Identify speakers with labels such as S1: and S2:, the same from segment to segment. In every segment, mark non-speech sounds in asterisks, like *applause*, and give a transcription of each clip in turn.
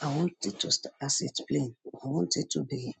S1: I want it just as it's plain. I want it to be.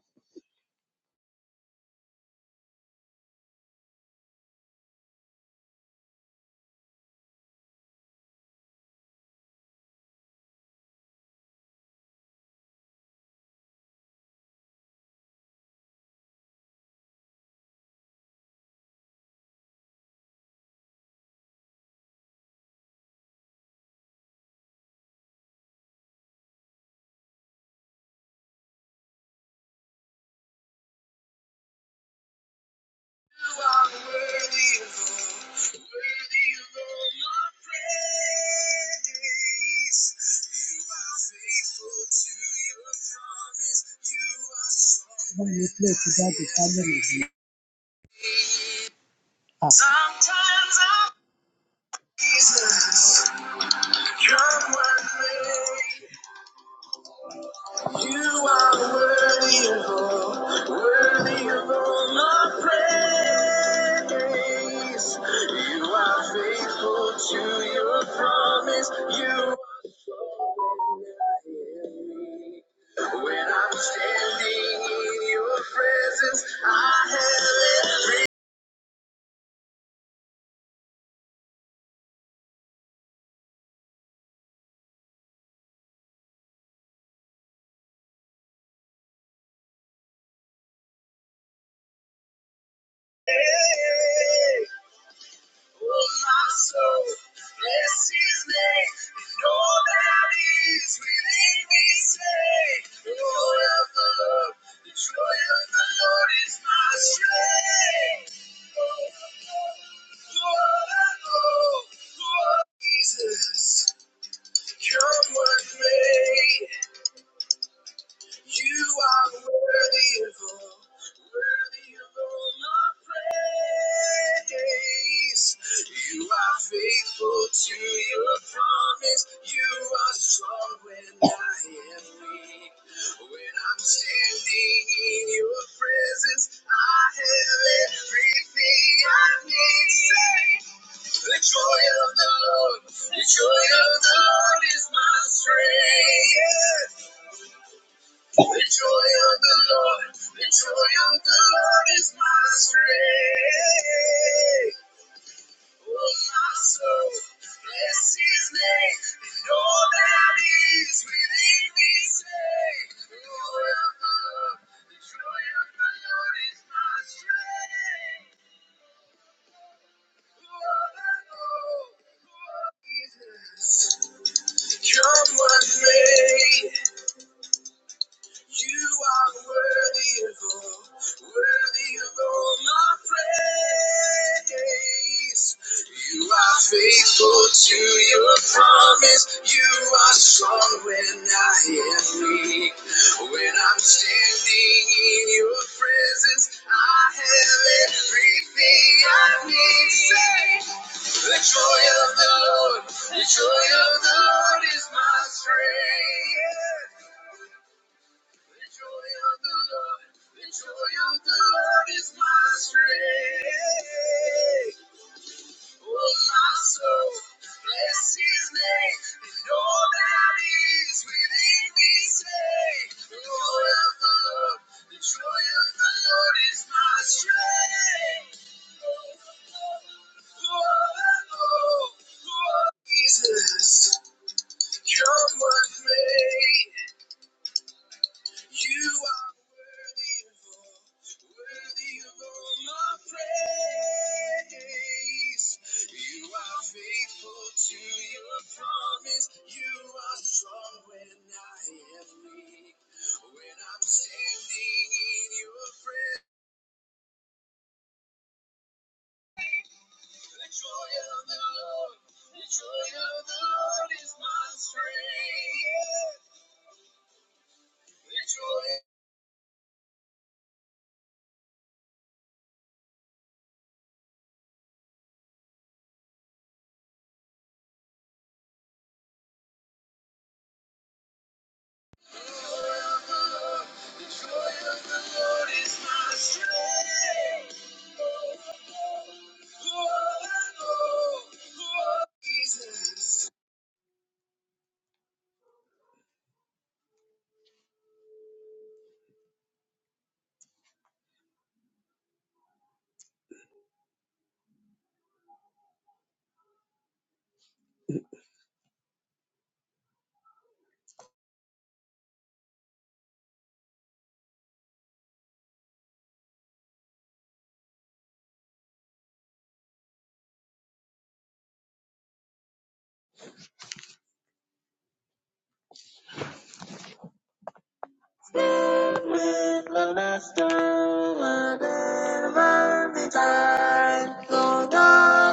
S1: Ah.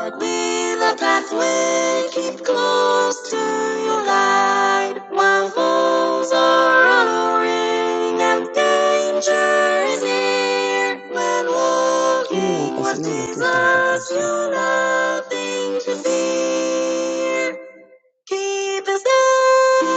S1: Forward with the pathway, keep close to your light. While foes are roaring and danger is near, when walking you've nothing to fear. Keep us up, keep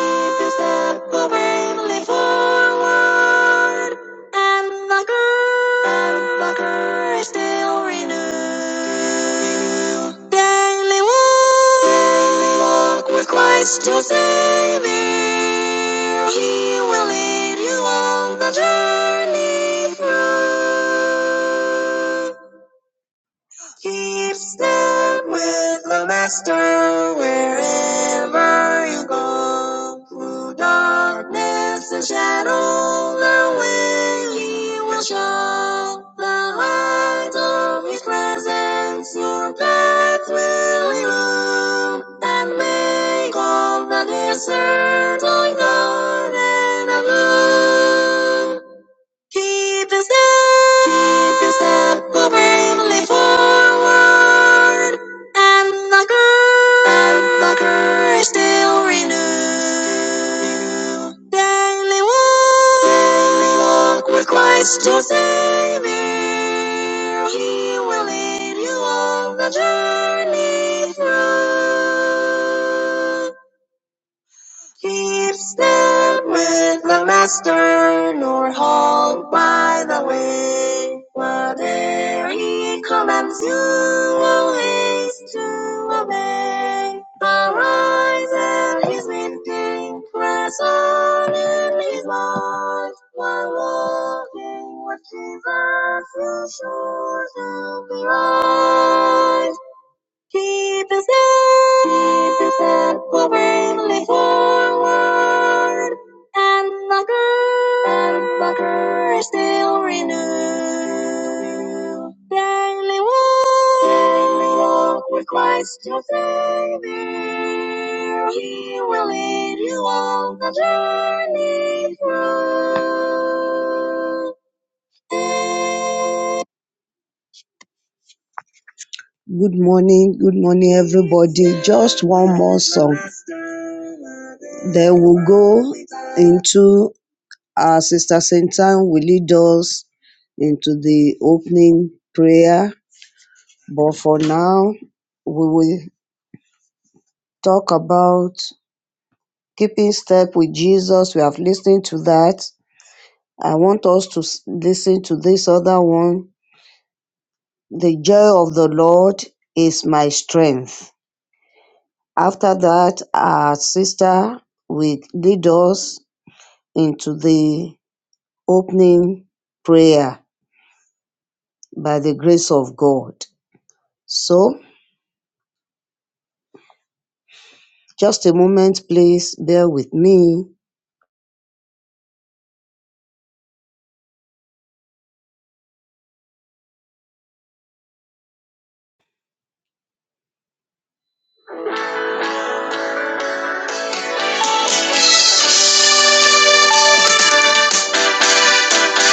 S1: us up, oh, bravely forward. And the cour- and the courage still renewed. Daily walk, daily walk with Christ your Savior. He will lead you on the journey through. Keep step with the master wherever you go. Through darkness and shadow, the way he will show. The light of his presence, your path will illume. And make all the desert like garden of bloom. Keep us up, keep us up, go bravely forward, and the courage, and the courage still renewed. Daily walk, daily walk with Christ your Savior. He will lead you on the journey through. Keep step with the master, nor halt by the way. Whatever he commands you, will haste to obey. Arise and his meeting, press on in his life. While walking with Jesus, you're sure to be right. Keep us in, keep us in, lovingly forward, and the girl, and the girl is still renewed. Daily walk, daily walk with Christ your Savior. He will lead you on the journey through. Good morning, good morning, everybody. Just one more song. Then we'll go into our Sister Saint Anne will lead us into the opening prayer. But for now, we will talk about keeping step with Jesus. We have listened to that. I want us to s- listen to this other one. The joy of the Lord is my strength. After that, our sister will lead us into the opening prayer by the grace of God. So, just a moment, please bear with me.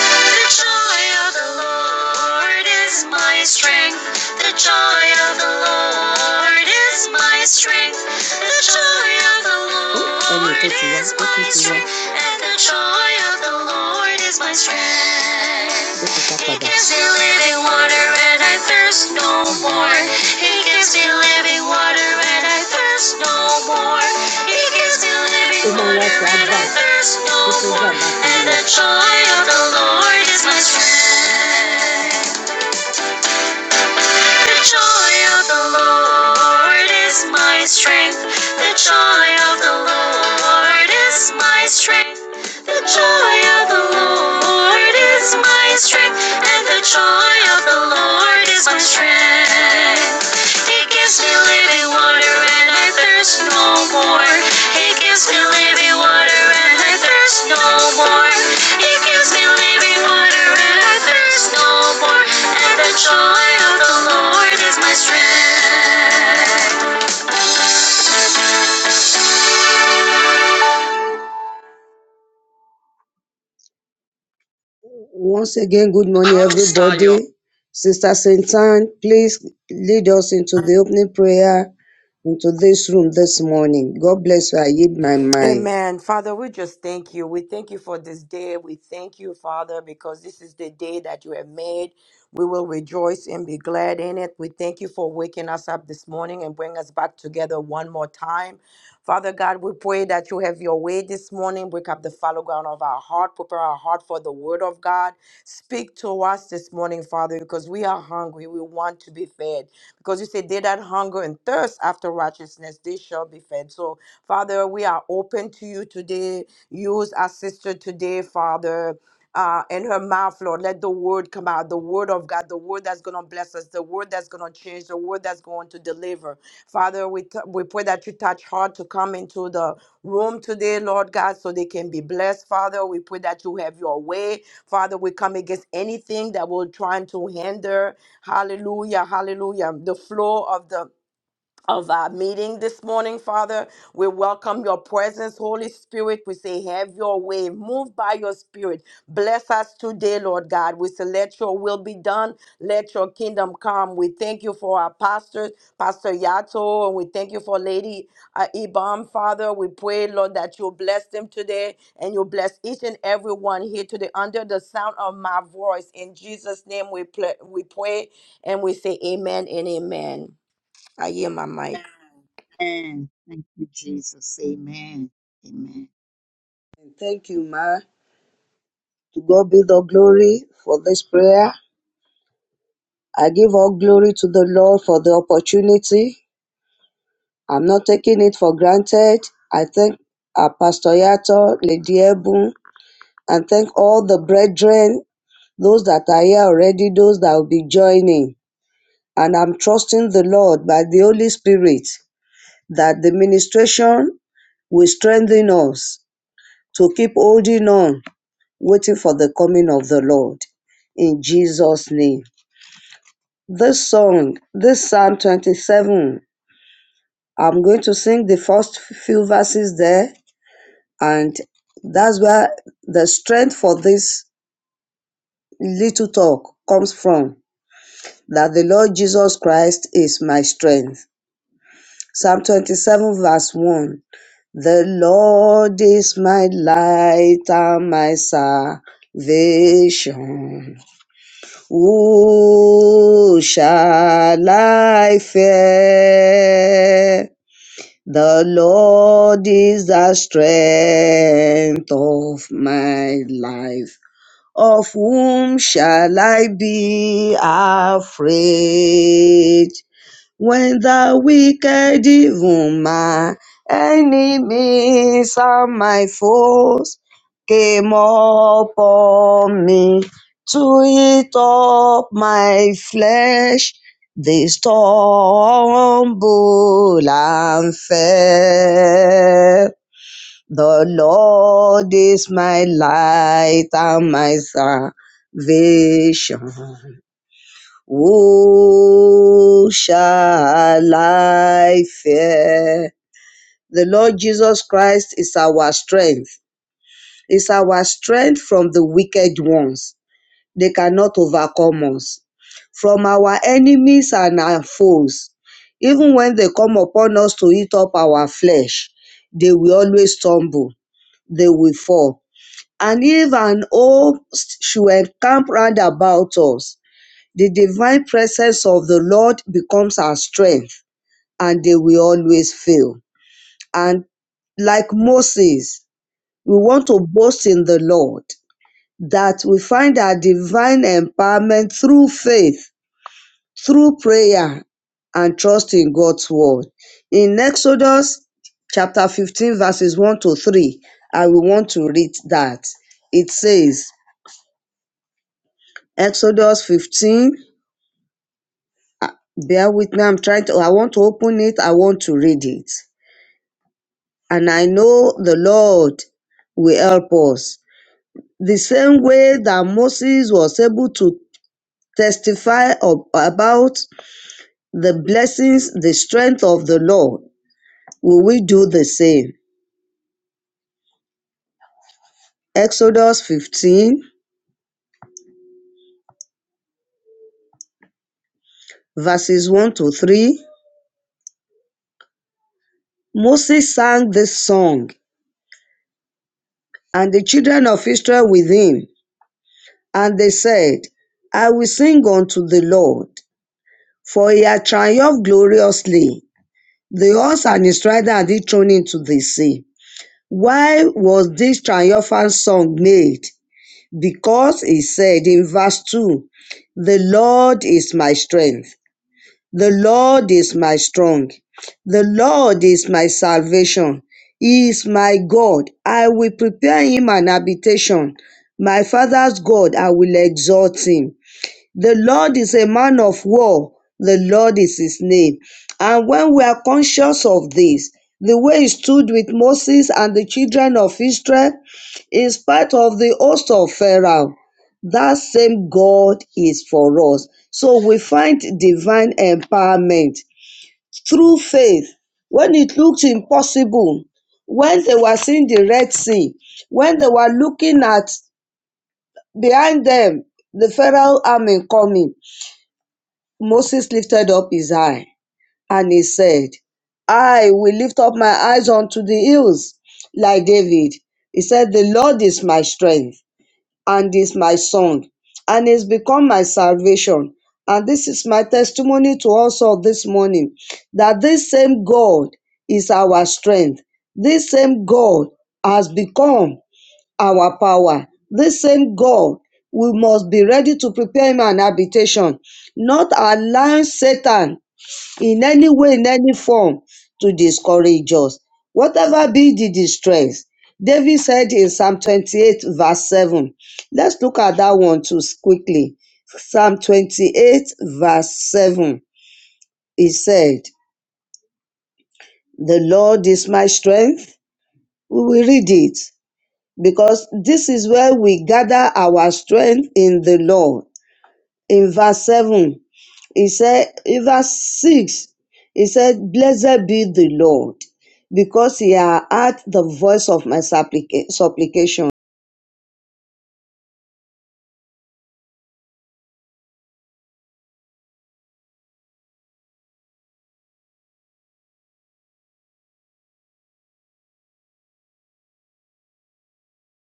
S1: The joy of the Lord is my strength. The joy of the Lord is my strength. The joy of the Lord is my strength. And the joy of the Lord is my strength. He gives me living water and I thirst no more. He gives me living water and I thirst thirst no more. He gives you living water and I thirst no more. And the joy of the Lord is my strength. The joy of the Lord is my strength. The joy of the Lord is my strength. The joy of the Lord is my strength. And the joy of the Lord is my strength. He gives me living water and I thirst no more. He gives me living thirst no more. He gives me living water and I thirst no more. And the joy of the Lord is my strength. Once again, good morning, everybody. your- Sister Santan, please lead us into the opening prayer into this room this morning. God bless you. I yield my mind.
S2: Amen. Father, we just thank you. We thank you for this day. We thank you, Father, because this is the day that you have made. We will rejoice and be glad in it. We thank you for waking us up this morning and bring us back together one more time. Father God, we pray that you have your way this morning. Break up the fallow ground of our heart. Prepare our heart for the word of God. Speak to us this morning, Father, because we are hungry. We want to be fed. Because you say, They that hunger and thirst after righteousness, they shall be fed. So, Father, we are open to you today. Use our sister today, Father uh, in her mouth, Lord. Let the word come out, the word of God, the word that's going to bless us, the word that's going to change, the word that's going to deliver. Father, we, t- we pray that you touch heart to come into the room today, Lord God, so they can be blessed, Father. We pray that you have your way. Father, we come against anything that will try to hinder, hallelujah, hallelujah, the flow of the of our meeting this morning, Father. We welcome your presence, Holy Spirit. We say, Have your way. Move by your Spirit. Bless us today, Lord God. We say, Let your will be done. Let your kingdom come. We thank you for our pastors, Pastor Yato, and we thank you for Lady uh, Ibam, Father. We pray, Lord, that you bless them today and you bless each and every one here today under the sound of my voice. In Jesus' name, we, pl- we pray and we say, Amen and Amen. I hear my mic.
S3: Amen. Thank you, Jesus. Amen. Amen.
S1: Thank you, Ma. To God be the glory for this prayer. I give all glory to the Lord for the opportunity I'm not taking it for granted. I thank our Pastor Yato, Lady Ebun, and thank all the brethren, those that are here already, those that will be joining. And I'm trusting the Lord by the Holy Spirit that the ministration will strengthen us to keep holding on, waiting for the coming of the Lord. In Jesus' name. This song, this Psalm 27, I'm going to sing the first few verses there And that's where the strength for this little talk comes from that the Lord Jesus Christ is my strength. Psalm 27, verse 1. The Lord is my light and my salvation. Who shall I fear? The Lord is the strength of my life. Of whom shall I be afraid? When the wicked, even my enemies and my foes, came upon me to eat up my flesh, they stumbled and fell. The Lord is my light and my salvation. Who shall I fear? The Lord Jesus Christ is our strength. Is our strength from the wicked ones. They cannot overcome us. From our enemies and our foes. Even when they come upon us to eat up our flesh, they will always stumble, they will fall and if an host should encamp round about us. The divine presence of the Lord becomes our strength, and they will always fail. And like Moses, we want to boast in the Lord that we find our divine empowerment through faith, through prayer, and trust in God's word. In Exodus chapter 15, verses 1 to 3, I will want to read that. It says, Exodus 15. Uh, Bear with me. I'm trying to, I want to open it. I want to read it. And I know the Lord will help us. The same way that Moses was able to testify of, about the blessings, the strength of the Lord, will we do the same? Exodus 15, verses 1 to 3. Moses sang this song, and the children of Israel with him And they said, I will sing unto the Lord, for he hath triumphed gloriously. The horse and his rider and he thrown into the sea. Why was this triumphant song made? Because he said in verse 2, The Lord is my strength. The Lord is my strong. The Lord is my salvation. He is my God. I will prepare him an habitation. My father's God, I will exalt him. The Lord is a man of war. The Lord is his name. And when we are conscious of this, the way he stood with Moses and the children of Israel, in spite of the host of Pharaoh, that same God is for us. So we find divine empowerment through faith. When it looked impossible, when they were seeing the Red Sea, when they were looking at behind them the Pharaoh army coming, Moses lifted up his eye and he said, I will lift up my eyes unto the hills like David. He said, The Lord is my strength and is my song and is become my salvation. And this is my testimony to us all this morning that this same God is our strength. This same God has become our power. This same God, we must be ready to prepare him an habitation, not allowing Satan in any way, in any form, to discourage us. Whatever be the distress, David said in Psalm 28, verse 7. Let's look at that one too quickly. Psalm 28, verse 7. He said, The Lord is my strength. We will read it. because this is where we gather our strength in the Lord. In verse 7, he said, in verse 6, he said, Blessed be the Lord, because he hath heard the voice of my supplica- supplication.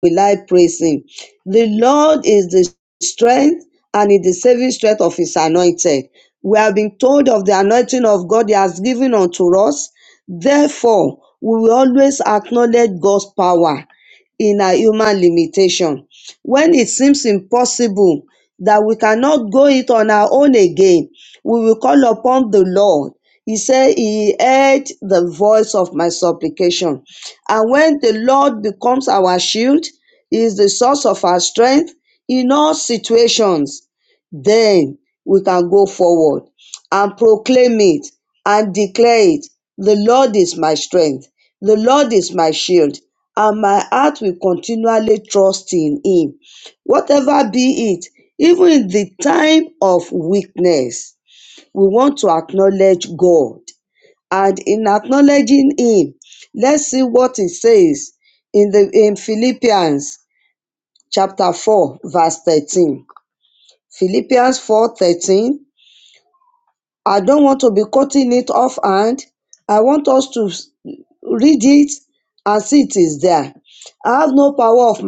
S1: will I praise him. The Lord is the strength and is the saving strength of his anointed. We have been told of the anointing of God he has given unto us. Therefore, we will always acknowledge God's power in our human limitation. When it seems impossible that we cannot go it on our own again, we will call upon the Lord. He said, He heard the voice of my supplication. And when the Lord becomes our shield, He is the source of our strength in all situations, then we can go forward and proclaim it and declare it. The Lord is my strength. The Lord is my shield. And my heart will continually trust in Him. Whatever be it, even in the time of weakness, we want to acknowledge God and in acknowledging him. Let's see what it says in the in Philippians chapter 4 verse 13. Philippians 4:13. I don't want to be cutting it off and I want us to read it and see it is there. I have no power of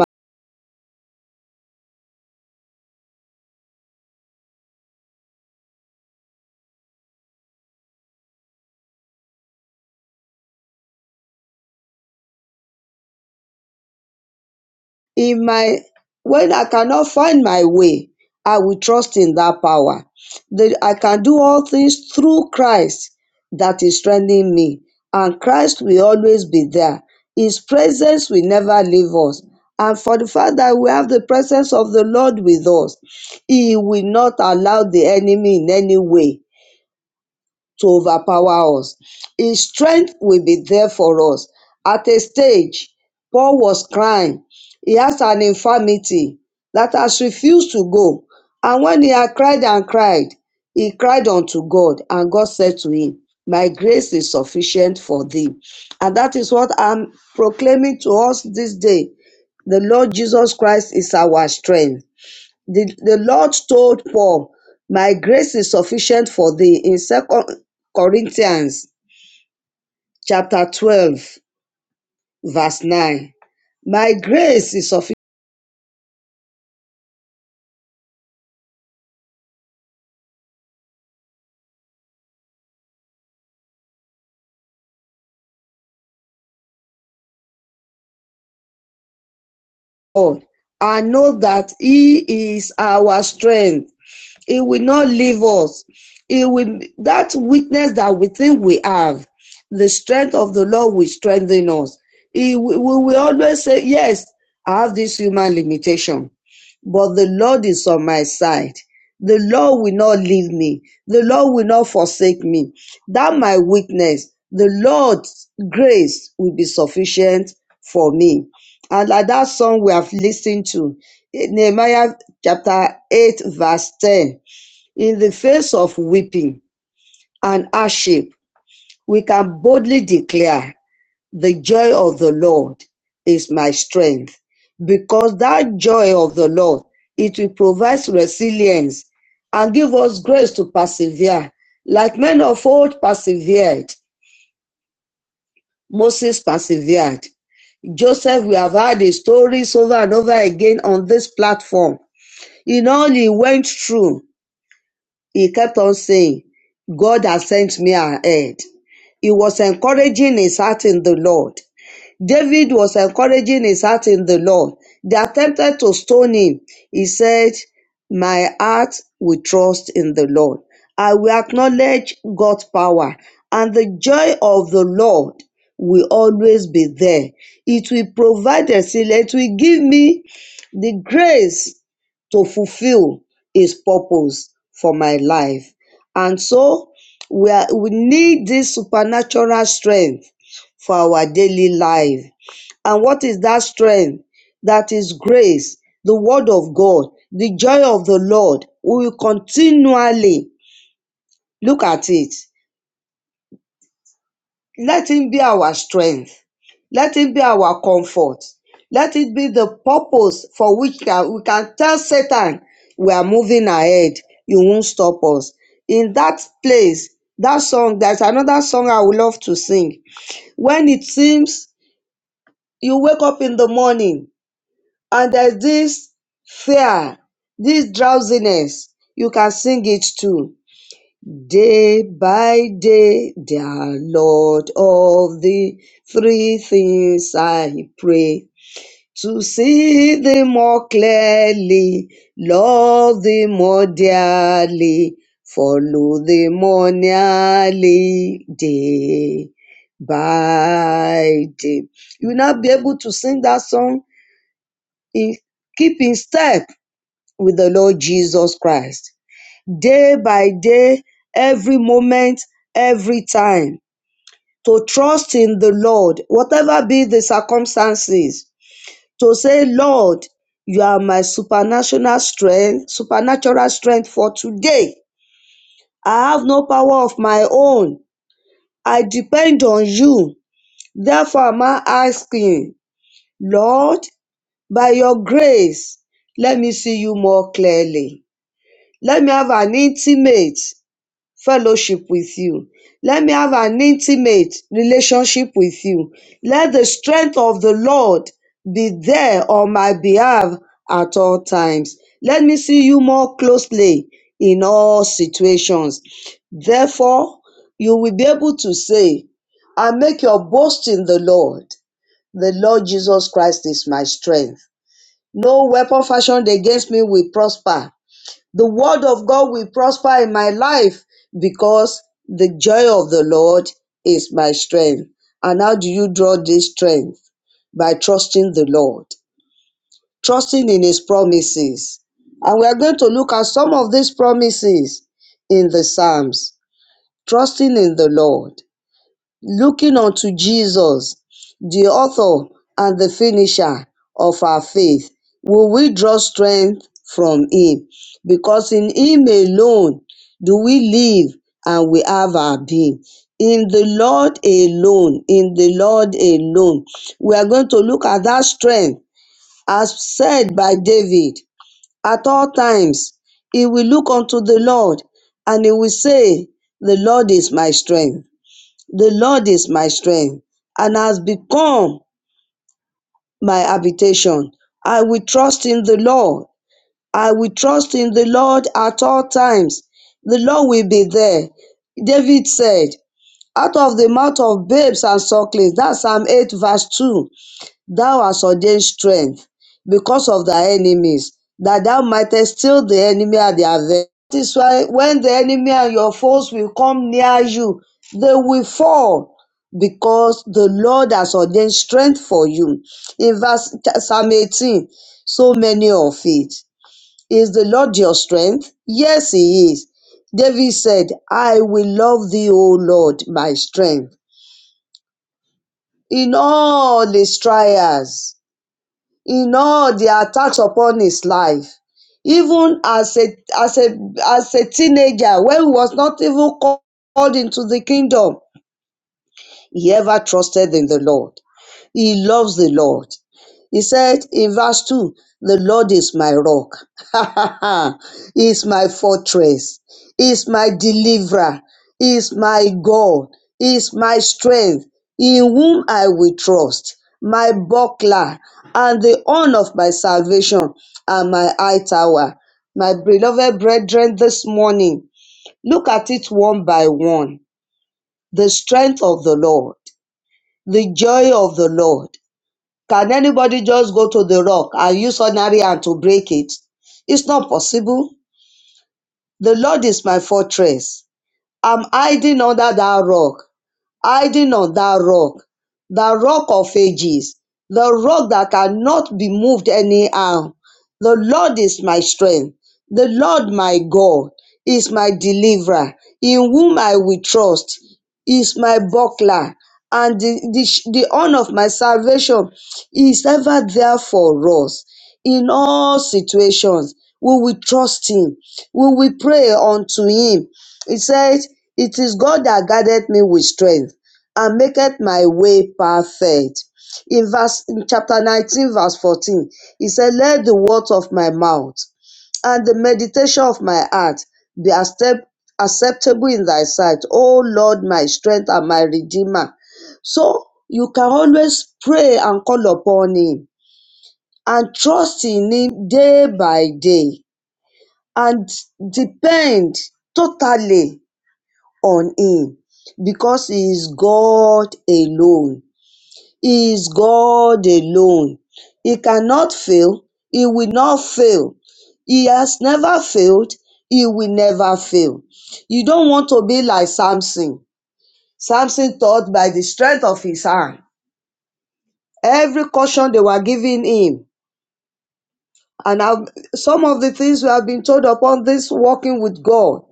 S1: in my when I cannot find my way, I will trust in that power. That I can do all things through Christ that is strengthening me. And Christ will always be there. His presence will never leave us. And for the fact that we have the presence of the Lord with us, He will not allow the enemy in any way to overpower us. His strength will be there for us. At a stage, Paul was crying. He has an infirmity that has refused to go. And when he had cried and cried, he cried unto God, and God said to him, My grace is sufficient for thee. And that is what I'm proclaiming to us this day. The Lord Jesus Christ is our strength. The, the Lord told Paul, My grace is sufficient for thee in Second Corinthians chapter 12, verse 9. My grace is sufficient, for I know that He is our strength It will not leave us. It will that weakness that we think we have, the strength of the Lord will strengthen us. He we will always say, Yes, I have this human limitation, but the Lord is on my side. The Lord will not leave me. The Lord will not forsake me. That my weakness, the Lord's grace will be sufficient for me. And like that song we have listened to, Nehemiah chapter 8, verse 10. In the face of weeping and hardship, we can boldly declare, The joy of the Lord is my strength. Because that joy of the Lord, it will provide resilience and give us grace to persevere. Like men of old persevered, Moses persevered. Joseph, we have had his stories over and over again on this platform. In all he went through, He kept on saying, God has sent me ahead. He was encouraging his heart in the Lord. David was encouraging his heart in the Lord. They attempted to stone him. He said, My heart will trust in the Lord. I will acknowledge God's power, and the joy of the Lord will always be there. It will provide a seal, it will give me the grace to fulfill his purpose for my life. And so we, are, we need this supernatural strength for our daily life. And what is that strength? That is grace, the word of God, the joy of the Lord. We will continually look at it. Let Him be our strength. Let it be our comfort. Let it be the purpose for which can- we can tell Satan we are moving ahead. You won't stop us. In that place, that song, there's another song I would love to sing. When it seems you wake up in the morning And there's this fear, this drowsiness. You can sing it too. Day by day, they Lord of the three things I pray. To see thee more clearly, love thee more dearly, follow thee more nearly, day by day. You will not be able to sing that song in, keep in step with the Lord Jesus Christ day by day, every moment, every time. To trust in the Lord, whatever be the circumstances, to say, Lord, you are my supernatural strength, supernatural strength for today. I have no power of my own. I depend on you. Therefore, am I asking, Lord, by your grace, let me see you more clearly. Let me have an intimate fellowship with you. Let me have an intimate relationship with you. Let the strength of the Lord be there on my behalf at all times. Let me see you more closely in all situations. Therefore, you will be able to say, I make your boast in the Lord. The Lord Jesus Christ is my strength. No weapon fashioned against me will prosper. The word of God will prosper in my life because the joy of the Lord is my strength. And how do you draw this strength? By trusting the Lord, trusting in His promises. And we are going to look at some of these promises in the Psalms, trusting in the Lord looking unto Jesus, the author and the finisher of our faith, will we draw strength from him? Because in him alone do we live and we have our being. In the Lord alone, in the Lord alone. We are going to look at that strength as said by David at all times. He will look unto the Lord and he will say, The Lord is my strength. The Lord is my strength and has become my habitation. I will trust in the Lord. I will trust in the Lord at all times. The Lord will be there. David said, out of the mouth of babes and sucklings, that's Psalm 8, verse 2. Thou hast ordained strength because of thy enemies, that thou mightest still the enemy at their very. That is why when the enemy and your foes will come near you, they will fall because the Lord has ordained strength for you. In verse Psalm 18, so many of it. Is the Lord your strength? Yes, He is. David said, I will love thee, O Lord, my strength, in all his trials in all the attacks upon his life. Even as a as a as a teenager, when he was not even called into the kingdom, he ever trusted in the Lord. He loves the Lord. He said in verse 2, The Lord is my rock, *laughs* He is my fortress, He is my deliverer, He is my God, He is my strength, in whom I will trust, my buckler, and the horn of my salvation, and my high tower. My beloved brethren, this morning, look at it one by one. The strength of the Lord. The joy of the Lord. Can anybody just go to the rock and use ordinary hand to break it? It's not possible. The Lord is my fortress. I'm hiding under that rock hiding on that rock, the rock of ages, the rock that cannot be moved anyhow. The Lord is my strength. The Lord my God is my deliverer, in whom I will trust, is my buckler, and the, the, the horn of my salvation is ever there for us. In all situations, we will trust Him, we will pray unto Him, he said, It is God that guideth me with strength and maketh my way perfect. In verse in chapter 19, verse 14, he said, Let the words of my mouth and the meditation of my heart be accept- acceptable in thy sight, O Lord, my strength and my redeemer. So you can always pray and call upon him and trust in him day by day and depend totally on him because he is God alone. He is God alone. He cannot fail. He will not fail. He has never failed. He will never fail. You don't want to be like Samson. Samson thought by the strength of his hand, every caution they were giving him, and I've, some of the things we have been told upon this walking with God,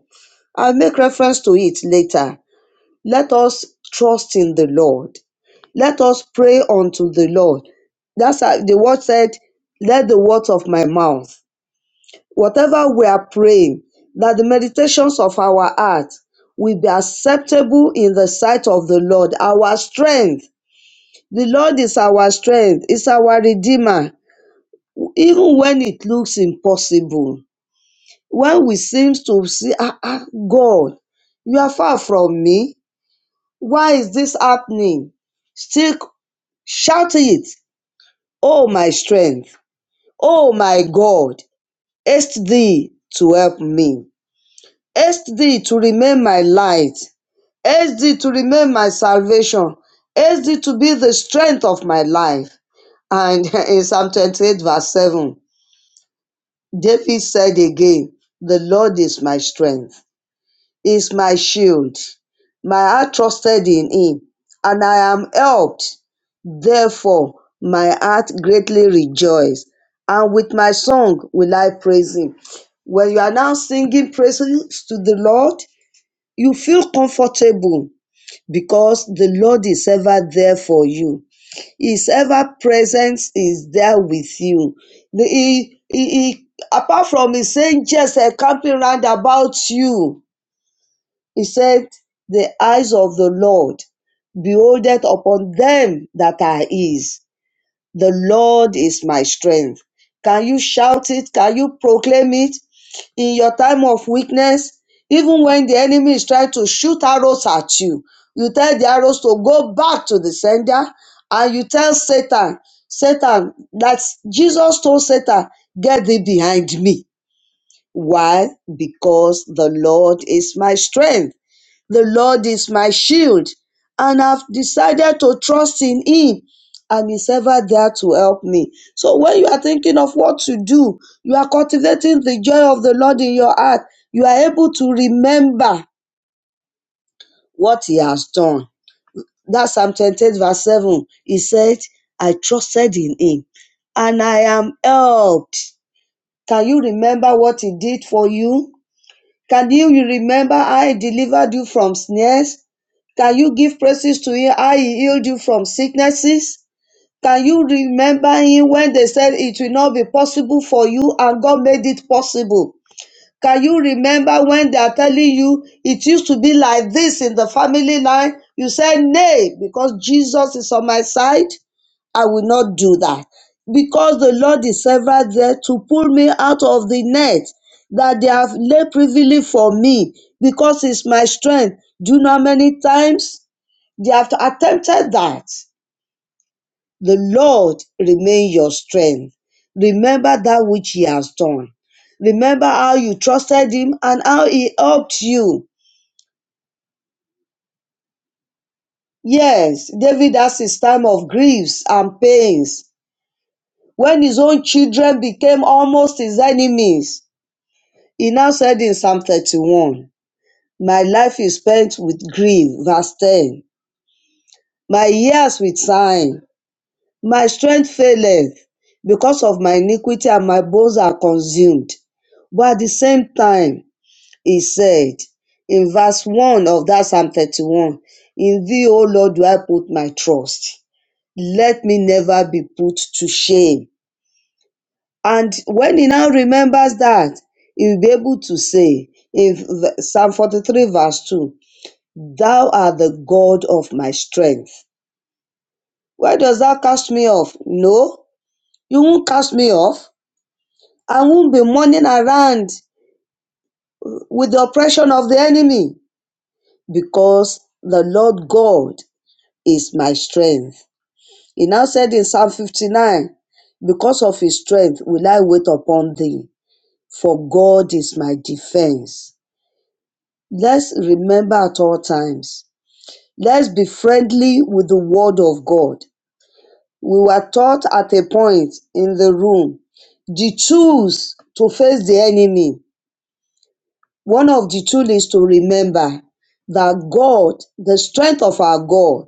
S1: I'll make reference to it later Let us trust in the Lord. Let us pray unto the Lord. That's how the word said, Let the words of my mouth, whatever we are praying, that the meditations of our heart will be acceptable in the sight of the Lord, our strength. The Lord is our strength, is our redeemer, even when it looks impossible. When we seem to see, ah, ah, God, you are far from me. Why is this happening? Still shout it, Oh my strength, Oh my God, haste thee to help me, haste thee to remain my light, haste thee to remain my salvation, haste thee to be the strength of my life. And *laughs* in Psalm 28, verse 7, David said again, The Lord is my strength. is my shield. My heart trusted in him, and I am helped. Therefore, my heart greatly rejoiced, and with my song will I praise him. When you are now singing praises to the Lord, you feel comfortable because the Lord is ever there for you. His ever presence is there with you. The- He, he, he- apart from his angels encamping round about you, he said, The eyes of the Lord beholdeth upon them that are his. The Lord is my strength. Can you shout it? Can you proclaim it in your time of weakness? Even when the enemy is trying to shoot arrows at you, you tell the arrows to go back to the sender and you tell Satan, Satan, that Jesus told Satan, get thee behind me why? Because the Lord is my strength. The Lord is my shield, and I've decided to trust in Him, and He's ever there to help me. So when you are thinking of what to do, you are cultivating the joy of the Lord in your heart. You are able to remember what He has done. That's Psalm 28, verse 7. He said, I trusted in Him, and I am helped. Can you remember what He did for you? Can you remember how he delivered you from snares? Can you give praises to him how he healed you from sicknesses? Can you remember him when they said it will not be possible for you and God made it possible? Can you remember when they are telling you it used to be like this in the family line? You said, Nay, because Jesus is on my side, I will not do that. Because the Lord is ever there to pull me out of the net that they have laid privily for me, because it's my strength. Do you know how many times they have attempted that? The Lord remain your strength. Remember that which He has done. Remember how you trusted Him and how He helped you. Yes, David has his time of griefs and pains. When his own children became almost his enemies, he now said in Psalm 31, My life is spent with grief, verse 10, my years with sighing. My strength faileth because of my iniquity, and my bones are consumed. But at the same time, he said in verse 1 of that Psalm 31, In thee, O Lord, do I put my trust. Let me never be put to shame. And when he now remembers that, he will be able to say in v- Psalm 43, verse 2, Thou art the God of my strength. Why does that cast me off? No, you won't cast me off. and won't be mourning around with the oppression of the enemy because the Lord God is my strength. He now said in Psalm 59, Because of his strength will I wait upon thee, for God is my defense. Let's remember at all times. Let's be friendly with the word of God. We were taught at a point in the room to choose to face the enemy One of the tool is to remember that God, the strength of our God,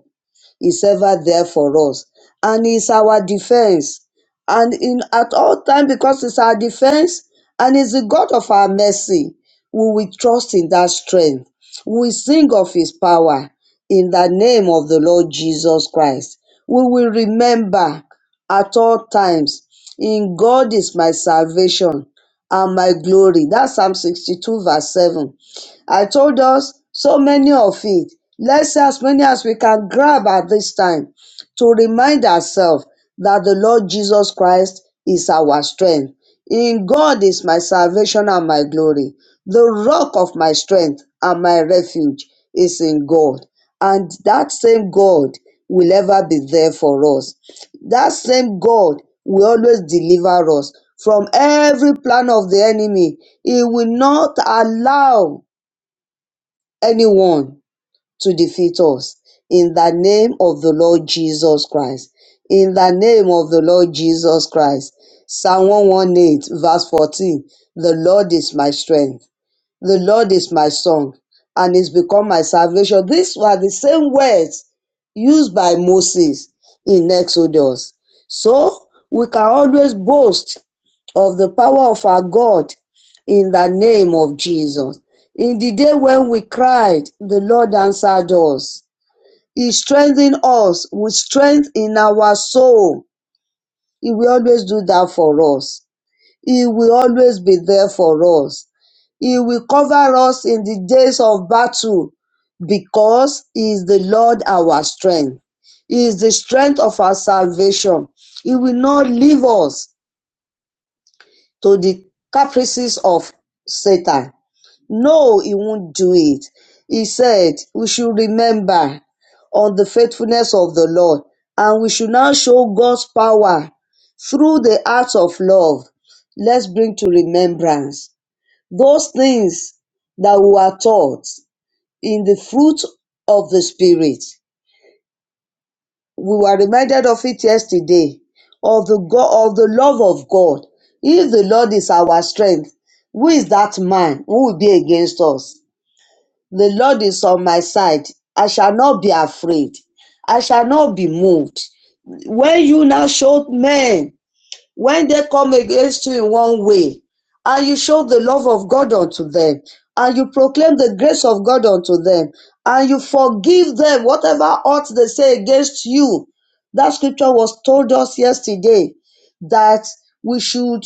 S1: is ever there for us and is our defense and in at all time because it's our defense and is the god of our mercy we will trust in that strength we sing of his power in the name of the lord jesus christ we will remember at all times in god is my salvation and my glory that's psalm 62 verse 7 I told us so many of it. Let's as many as we can grab at this time to remind ourselves that the Lord Jesus Christ is our strength. In God is my salvation and my glory. The rock of my strength and my refuge is in God. And that same God will ever be there for us. That same God will always deliver us from every plan of the enemy. He will not allow anyone to defeat us. In the name of the Lord Jesus Christ. In the name of the Lord Jesus Christ. Psalm 118, verse 14. The Lord is my strength. The Lord is my song and is become my salvation. These were the same words used by Moses in Exodus. So we can always boast of the power of our God in the name of Jesus. In the day when we cried, the Lord answered us. He strengthened us with strength in our soul. He will always do that for us. He will always be there for us. He will cover us in the days of battle because He is the Lord our strength. He is the strength of our salvation. He will not leave us to the caprices of Satan. No, he won't do it. He said we should remember on the faithfulness of the Lord and we should now show God's power through the acts of love. Let's bring to remembrance those things that we were taught in the fruit of the Spirit we were reminded of it yesterday of the god of the love of god if the lord is our strength who is that man who will be against us the lord is on my side i shall not be afraid i shall not be moved when you now showed men when they come against you in one way, and you show the love of God unto them, and you proclaim the grace of God unto them, and you forgive them whatever ought they say against you. That scripture was told us yesterday that we should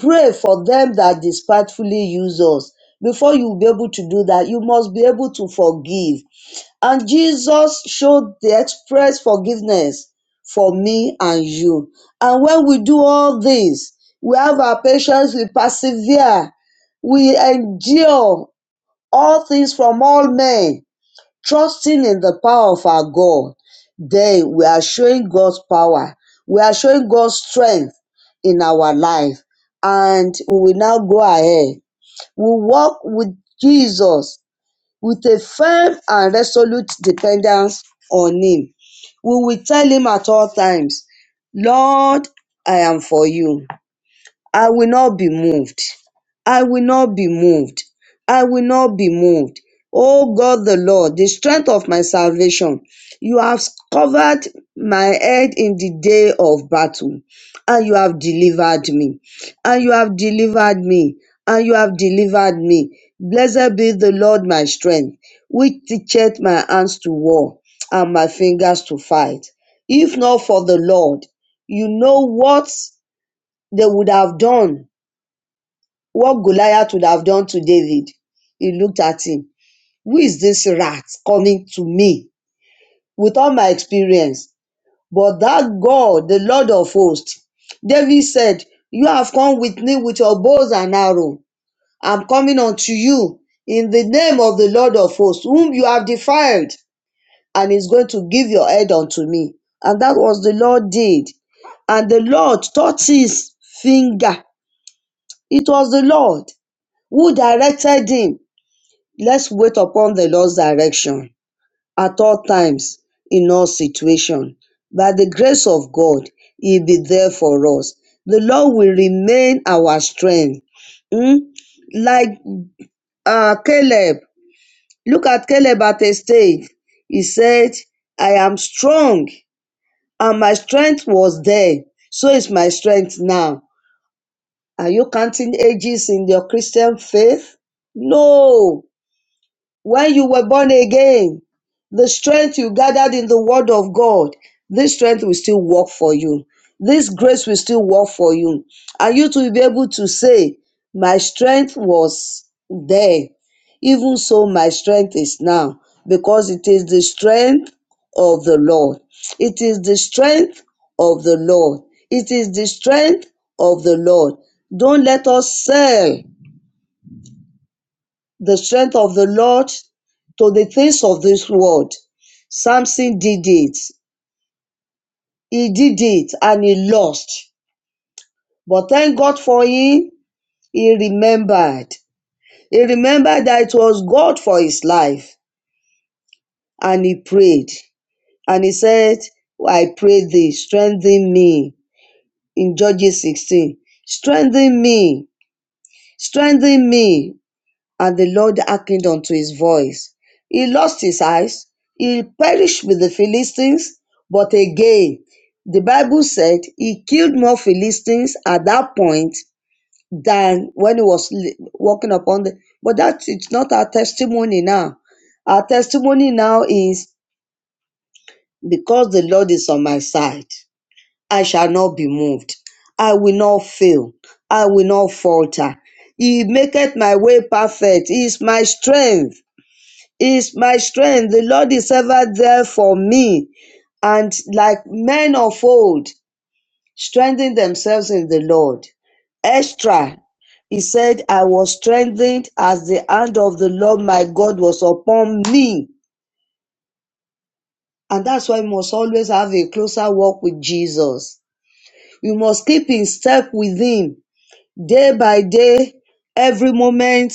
S1: pray for them that despitefully use us. Before you will be able to do that, you must be able to forgive. And Jesus showed the express forgiveness for me and you. And when we do all this, we have our patience, we persevere, we endure all things from all men, trusting in the power of our God. Then we are showing God's power, we are showing God's strength in our life. And we will now go ahead. We walk with Jesus with a firm and resolute dependence on Him. We will tell Him at all times, Lord, I am for you. I will not be moved. I will not be moved. I will not be moved. Oh God, the Lord, the strength of my salvation, you have covered my head in the day of battle, and you have delivered me, and you have delivered me, and you have delivered me. Blessed be the Lord, my strength, which teacheth my hands to war and my fingers to fight. If not for the Lord, you know what they would have done what Goliath would have done to David. He looked at him. Who is this rat coming to me with all my experience? But that God, the Lord of hosts, David said, You have come with me with your bows and arrow. I'm coming unto you in the name of the Lord of hosts, whom you have defiled, and is going to give your head unto me. And that was the Lord did. And the Lord touched his finger. It was the Lord who directed him Let's wait upon the Lord's direction at all times in all situations. By the grace of God, He'll be there for us. The Lord will remain our strength. Mm? Like uh, Caleb, look at Caleb at a stage. He said, I am strong and my strength was there. So is my strength now. Are you counting ages in your Christian faith? No. When you were born again, the strength you gathered in the Word of God, this strength will still work for you. This grace will still work for you. And you to be able to say, My strength was there. Even so, my strength is now, because it is the strength of the Lord. It is the strength of the Lord. It is the strength of the Lord. Don't let us sell the strength of the Lord to the things of this world. Samson did it. He did it and he lost. But thank God for him, he remembered. He remembered that it was God for his life and he prayed. And he said, I pray thee, strengthen me. In Judges 16, strengthen me, strengthen me And the Lord hearkened unto his voice. He lost his eyes. He perished with the Philistines. But again, the Bible said he killed more Philistines at that point than when he was walking upon the. But that is not our testimony now. Our testimony now is because the Lord is on my side, I shall not be moved. I will not fail. I will not falter. He maketh my way perfect. He is my strength is my strength. The Lord is ever there for me. And like men of old, strengthen themselves in the Lord. Extra, he said, I was strengthened as the hand of the Lord my God was upon me. And that's why we must always have a closer walk with Jesus. We must keep in step with Him day by day, every moment,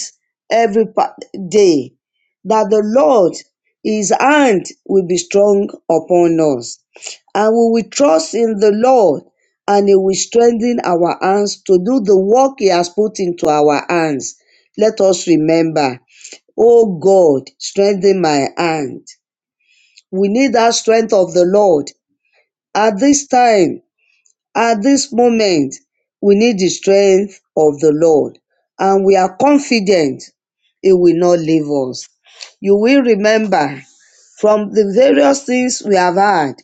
S1: every pa- day, that the Lord, His hand will be strong upon us. And we will trust in the Lord and He will strengthen our hands to do the work He has put into our hands. Let us remember, oh God, strengthen my hand. We need that strength of the Lord at this time at this moment, we need the strength of the Lord, and we are confident it will not leave us. You will remember from the various things we have heard,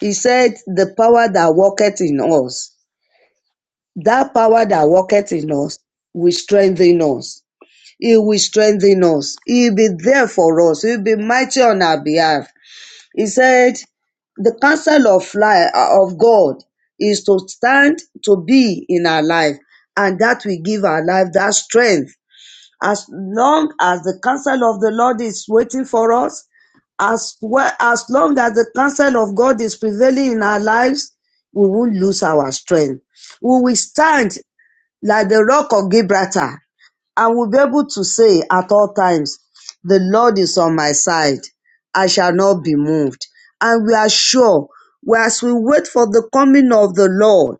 S1: He said, The power that worketh in us, that power that worketh in us will strengthen us. He will strengthen us. He will be there for us. He will be mighty on our behalf. He said, the counsel of life uh, of God is to stand to be in our life, and that will give our life that strength. As long as the counsel of the Lord is waiting for us, as well as long as the counsel of God is prevailing in our lives, we won't lose our strength. We will stand like the rock of Gibraltar, and will be able to say at all times, The Lord is on my side. I shall not be moved. And we are sure, whereas we wait for the coming of the Lord,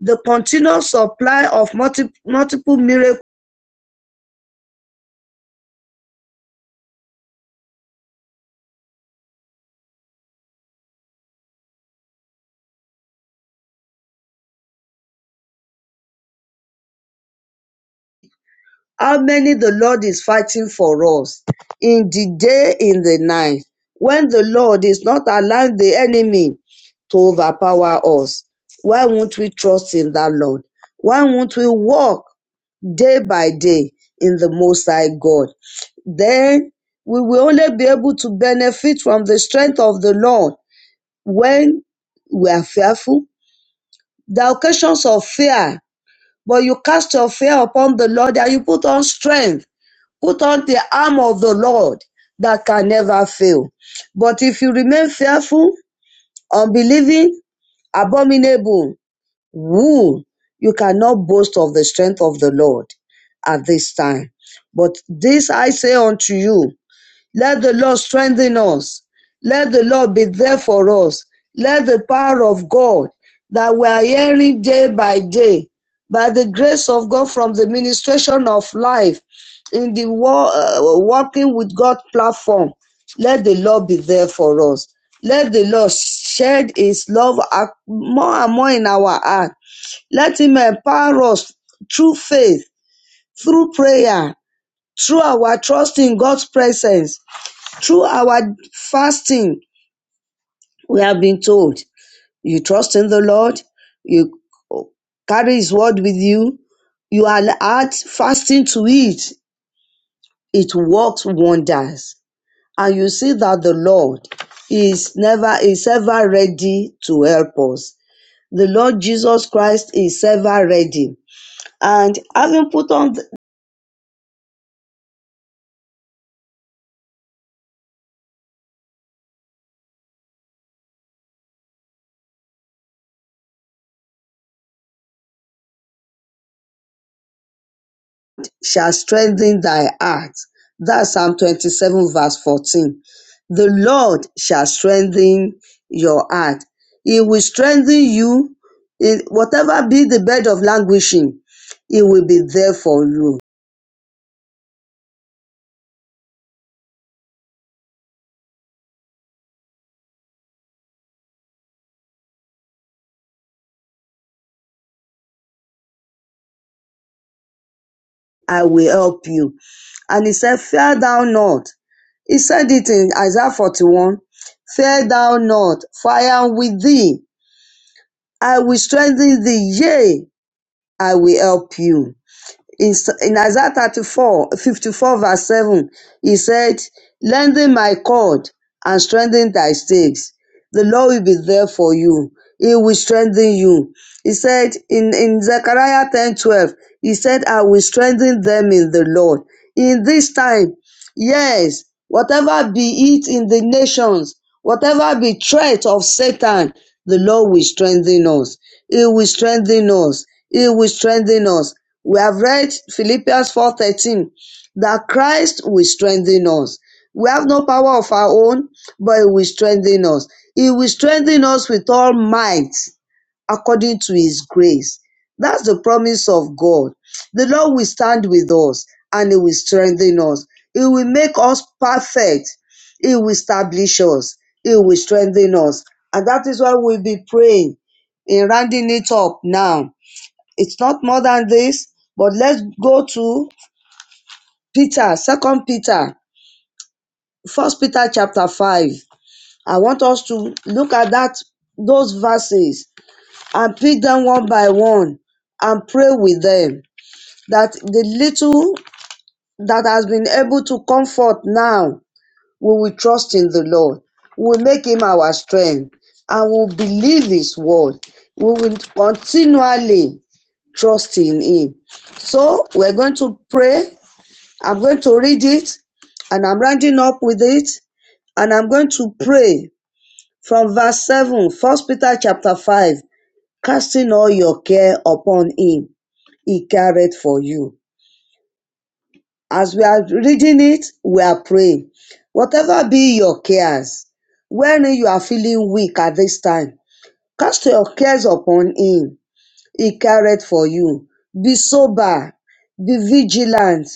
S1: the continual supply of multi- multiple miracles how many the Lord is fighting for us in the day, in the night, when the Lord is not allowing the enemy to overpower us. Why won't we trust in that Lord? Why won't we walk day by day in the Most High God? Then we will only be able to benefit from the strength of the Lord when we are fearful. The occasions of fear, but you cast your fear upon the Lord and you put on strength Put on the armor of the Lord that can never fail. But if you remain fearful, unbelieving, abominable, woo, you cannot boast of the strength of the Lord at this time. But this I say unto you let the Lord strengthen us. Let the Lord be there for us. Let the power of God that we are hearing day by day, by the grace of God from the ministration of life in the war, uh, working with God platform, let the Lord be there for us. Let the Lord shed His love more and more in our heart. Let Him empower us through faith, through prayer, through our trust in God's presence through our fasting, we have been told, you trust in the Lord, you carry His word with you, you add fasting to it, it works wonders. And you see that the Lord is never is ever ready to help us. The Lord Jesus Christ is ever ready. And having put on shall strengthen thy heart. That's Psalm 27, verse 14. The Lord shall strengthen your heart. He will strengthen you. In whatever be the bed of languishing, He will be there for you. I will help you. And He said, Fear thou not. He said it in Isaiah 41. Fear thou not, for I am with thee. I will strengthen thee. Yea, I will help you. in, in Isaiah 34, 54 verse 7, he said, Lengthen my cord and strengthen thy stakes. The Lord will be there for you. He will strengthen you. He said in, in Zechariah ten twelve, he said, I will strengthen them in the Lord. In this time, Yes, whatever be it in the nations, whatever be threat of Satan, the Lord will strengthen us. He will strengthen us. He will strengthen us. We have read Philippians 4:13 that Christ will strengthen us. We have no power of our own, but he will strengthen us. He will strengthen us with all might according to his grace. That's the promise of God. The Lord will stand with us and He will strengthen us. He will make us perfect. He will establish us. He will strengthen us. And that is why we'll be praying in rounding it up now. It's not more than this, but let's go to Peter, Second Peter, First Peter chapter 5. I want us to look at that those verses and pick them one by one and pray with them that the little that has been able to comfort now. We will trust in the Lord. We will make him our strength and we will believe his word. We will continually trust in him. So we're going to pray. I'm going to read it and I'm rounding up with it and I'm going to pray from verse 7, First Peter chapter 5, casting all your care upon him. He careth for you. As we are reading it, we are praying. Whatever be your cares, when you are feeling weak at this time, cast your cares upon him. He careth for you. Be sober, be vigilant,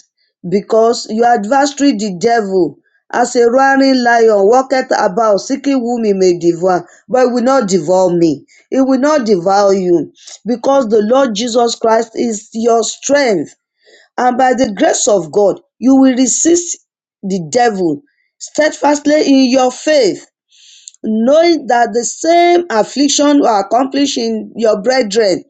S1: because your adversary, the devil, as a roaring lion, walketh about seeking whom he may devour, but he will not devour me. He will not devour you, because the Lord Jesus Christ is your strength and by the grace of God, you will resist the devil steadfastly in your faith, knowing that the same affliction will accomplish in your brethren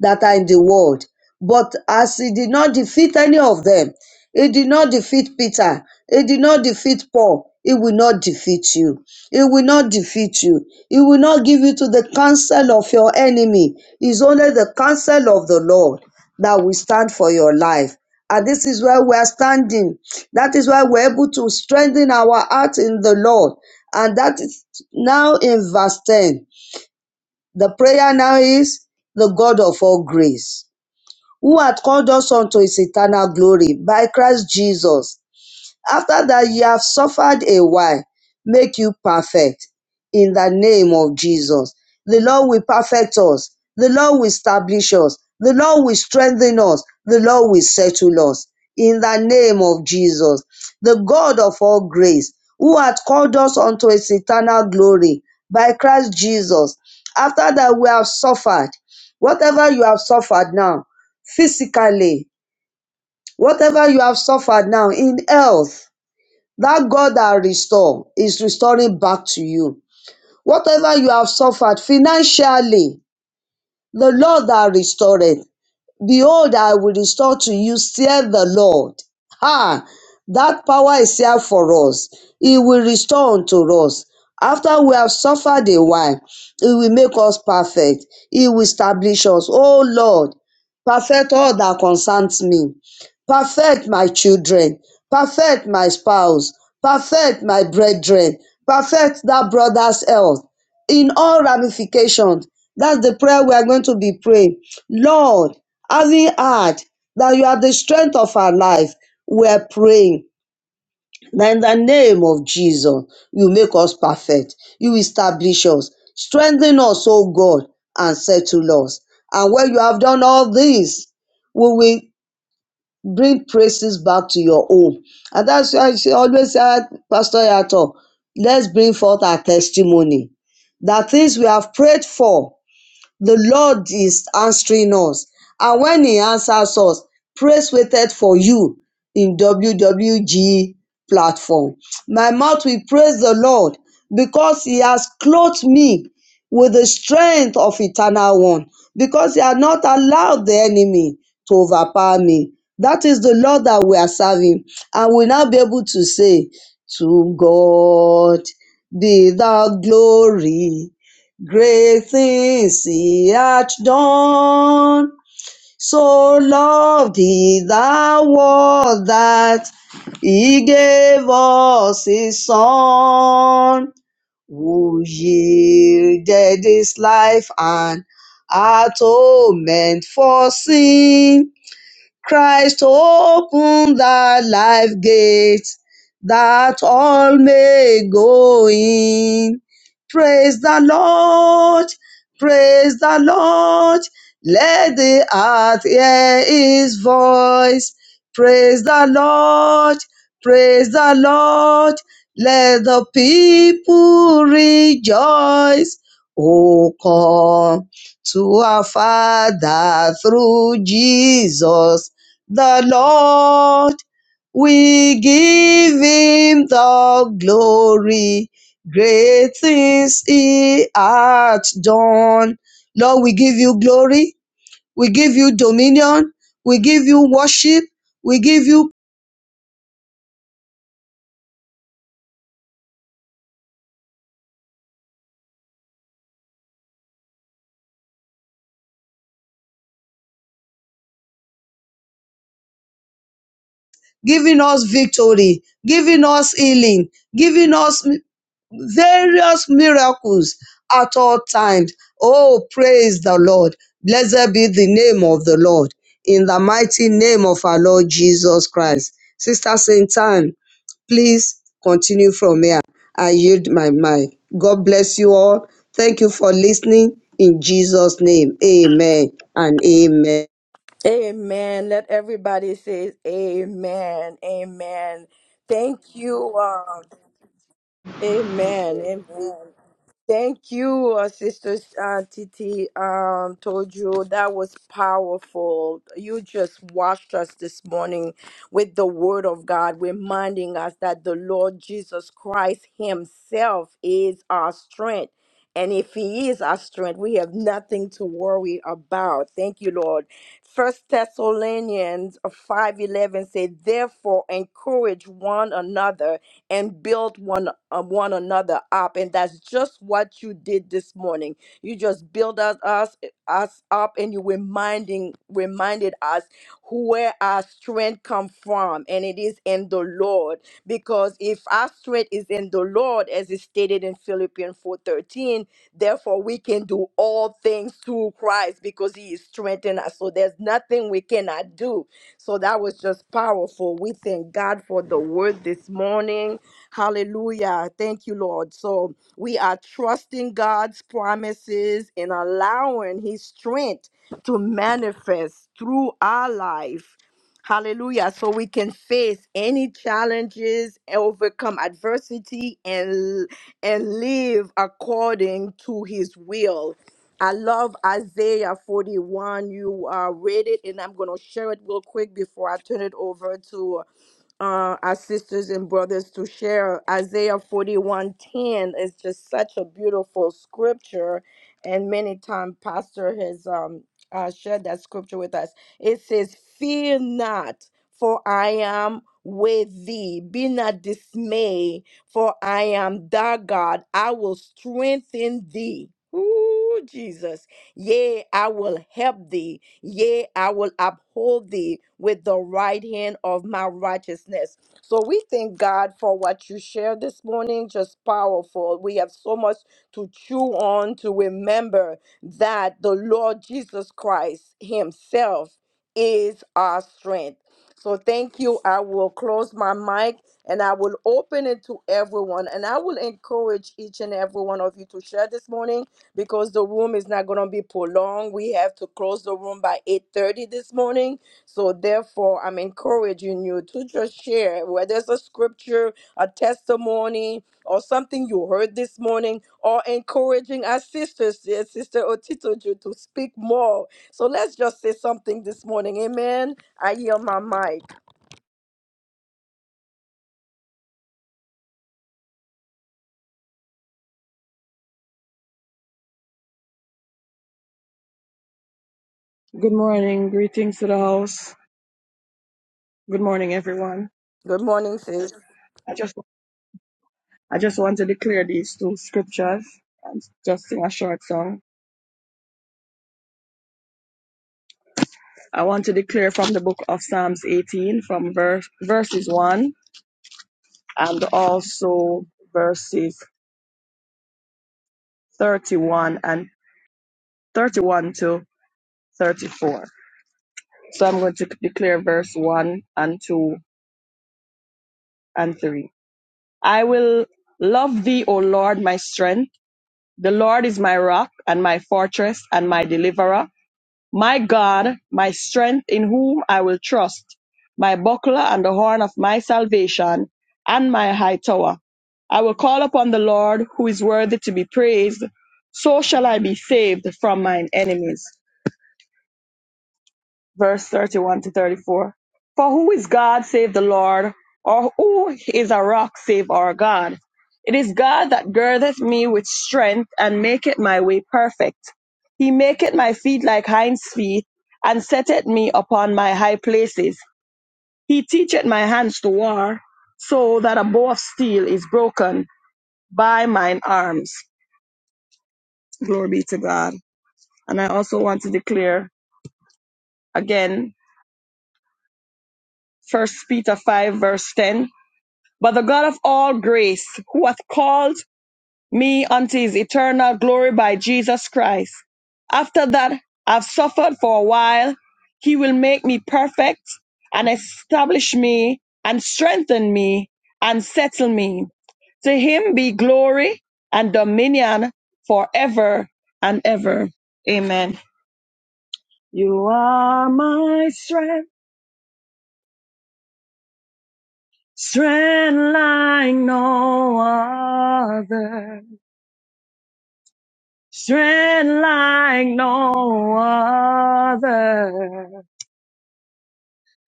S1: that are in the world. But as he did not defeat any of them, he did not defeat Peter, he did not defeat Paul, he will not defeat you. He will not defeat you. He will not give you to the counsel of your enemy. It's only the counsel of the Lord that will stand for your life. And this is where we are standing. That is why we're able to strengthen our heart in the Lord. And that is now in verse 10. The prayer now is the God of all grace who hath called us unto his eternal glory by Christ Jesus. After that you have suffered a while, make you perfect in the name of Jesus. The Lord will perfect us. The Lord will establish us. The Lord will strengthen us. The Lord will settle us in the name of Jesus. The God of all grace, who hath called us unto his eternal glory by Christ Jesus. After that we have suffered, whatever you have suffered now, physically, whatever you have suffered now in health, that God that restore is restoring back to you. Whatever you have suffered financially, the Lord that restored. Behold, I will restore to you, saith the Lord. Ha! That power is here for us. He will restore unto us. After we have suffered a while, He will make us perfect. He will establish us. Oh Lord, perfect all that concerns me. Perfect my children. Perfect my spouse. Perfect my brethren. Perfect that brother's health in all ramifications. That's the prayer we are going to be praying. Lord, having heard that you are the strength of our life, we're praying that in the name of Jesus, you make us perfect, you establish us, strengthen us, O God, and settle us. And when you have done all this, we will bring praises back to your home. And that's why she always said, Pastor Yato, let's bring forth our testimony. The things we have prayed for the Lord is answering us. And when He answers us, praise waited for you in WWG platform. My mouth will praise the Lord because He has clothed me with the strength of eternal one, because He has not allowed the enemy to overpower me. That is the Lord that we are serving. And we now be able to say, To God be the glory Great things he hath done. So loved he the world that he gave us his son, who yielded his life and atonement for sin Christ, open the life gate that all may go in. Praise the Lord, praise the Lord. Let the earth hear his voice. Praise the Lord, praise the Lord. Let the people rejoice. O come to our Father through Jesus the Lord. We give him the glory. Great things he hath done. Lord, we give you glory. We give you dominion. We give you worship. We give you giving us victory, giving us healing, giving us mi- various miracles at all times. Oh, praise the Lord. Blessed be the name of the Lord in the mighty name of our Lord Jesus Christ. Sister Saint Anne, please continue from here. I yield my mic. God bless you all. Thank you for listening. In Jesus' name, amen and amen.
S2: Amen. Let everybody say amen. Amen. Thank you. Um, Amen. Amen. Thank you, uh, Sister uh, Titi. Um, told you that was powerful. You just washed us this morning with the Word of God, reminding us that the Lord Jesus Christ Himself is our strength. And if He is our strength, we have nothing to worry about. Thank you, Lord. First Thessalonians five eleven say, "Therefore, encourage one another." and build one uh, one another up and that's just what you did this morning you just build us us us up and you reminding reminded us where our strength come from and it is in the lord because if our strength is in the lord as is stated in philippians 4.13 therefore we can do all things through christ because he is strengthening us so there's nothing we cannot do so that was just powerful. We thank God for the word this morning. Hallelujah. Thank you, Lord. So we are trusting God's promises and allowing His strength to manifest through our life. Hallelujah. So we can face any challenges, overcome adversity, and, and live according to His will. I love Isaiah 41. You uh, read it, and I'm going to share it real quick before I turn it over to uh, our sisters and brothers to share. Isaiah 41:10 is just such a beautiful scripture, and many times Pastor has um, uh, shared that scripture with us. It says, "Fear not, for I am." With thee, be not dismayed, for I am thy God. I will strengthen thee. Ooh, Jesus. Yea, I will help thee. Yea, I will uphold thee with the right hand of my righteousness. So we thank God for what you shared this morning. Just powerful. We have so much to chew on to remember that the Lord Jesus Christ Himself is our strength. So thank you. I will close my mic and I will open it to everyone. And I will encourage each and every one of you to share this morning because the room is not going to be prolonged. We have to close the room by 8:30 this morning. So therefore, I'm encouraging you to just share whether it's a scripture, a testimony, or something you heard this morning, or encouraging our sisters, dear sister Otitoju, to speak more. So let's just say something this morning. Amen. I yield my mic.
S4: Good morning. Greetings to the house. Good morning, everyone.
S2: Good morning, sis.
S4: I just I just want to declare these two scriptures and just sing a short song. I want to declare from the book of Psalms 18 from verse verses 1 and also verses 31 and 31 to 34. So I'm going to declare verse 1 and 2 and 3. I will love thee, O Lord, my strength. The Lord is my rock and my fortress and my deliverer My God, my strength in whom I will trust, my buckler and the horn of my salvation, and my high tower. I will call upon the Lord who is worthy to be praised. So shall I be saved from mine enemies verse 31 to 34. For who is God save the Lord, or who is a rock save our God? It is God that girdeth me with strength and maketh my way perfect. He maketh my feet like hinds' feet and setteth me upon my high places. He teacheth my hands to war, so that a bow of steel is broken by mine arms. Glory be to God. And I also want to declare again, First Peter 5, verse 10 But the God of all grace, who hath called me unto his eternal glory by Jesus Christ, after that I've suffered for a while, he will make me perfect and establish me and strengthen me and settle me. To him be glory and dominion forever and ever. Amen. You are my strength, strength like no other. Strength like no other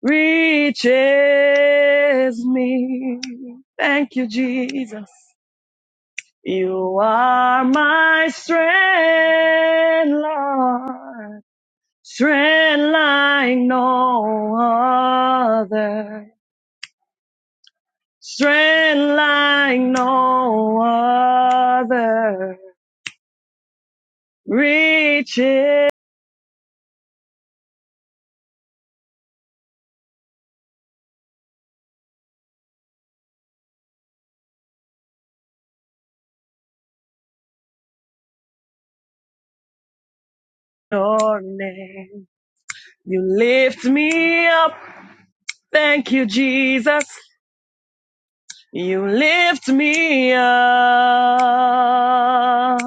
S4: reaches me. Thank you, Jesus. You are my strength, Lord. Strength like no other. Strength like no other reaches your name. You lift me up Thank you, Jesus. You lift me up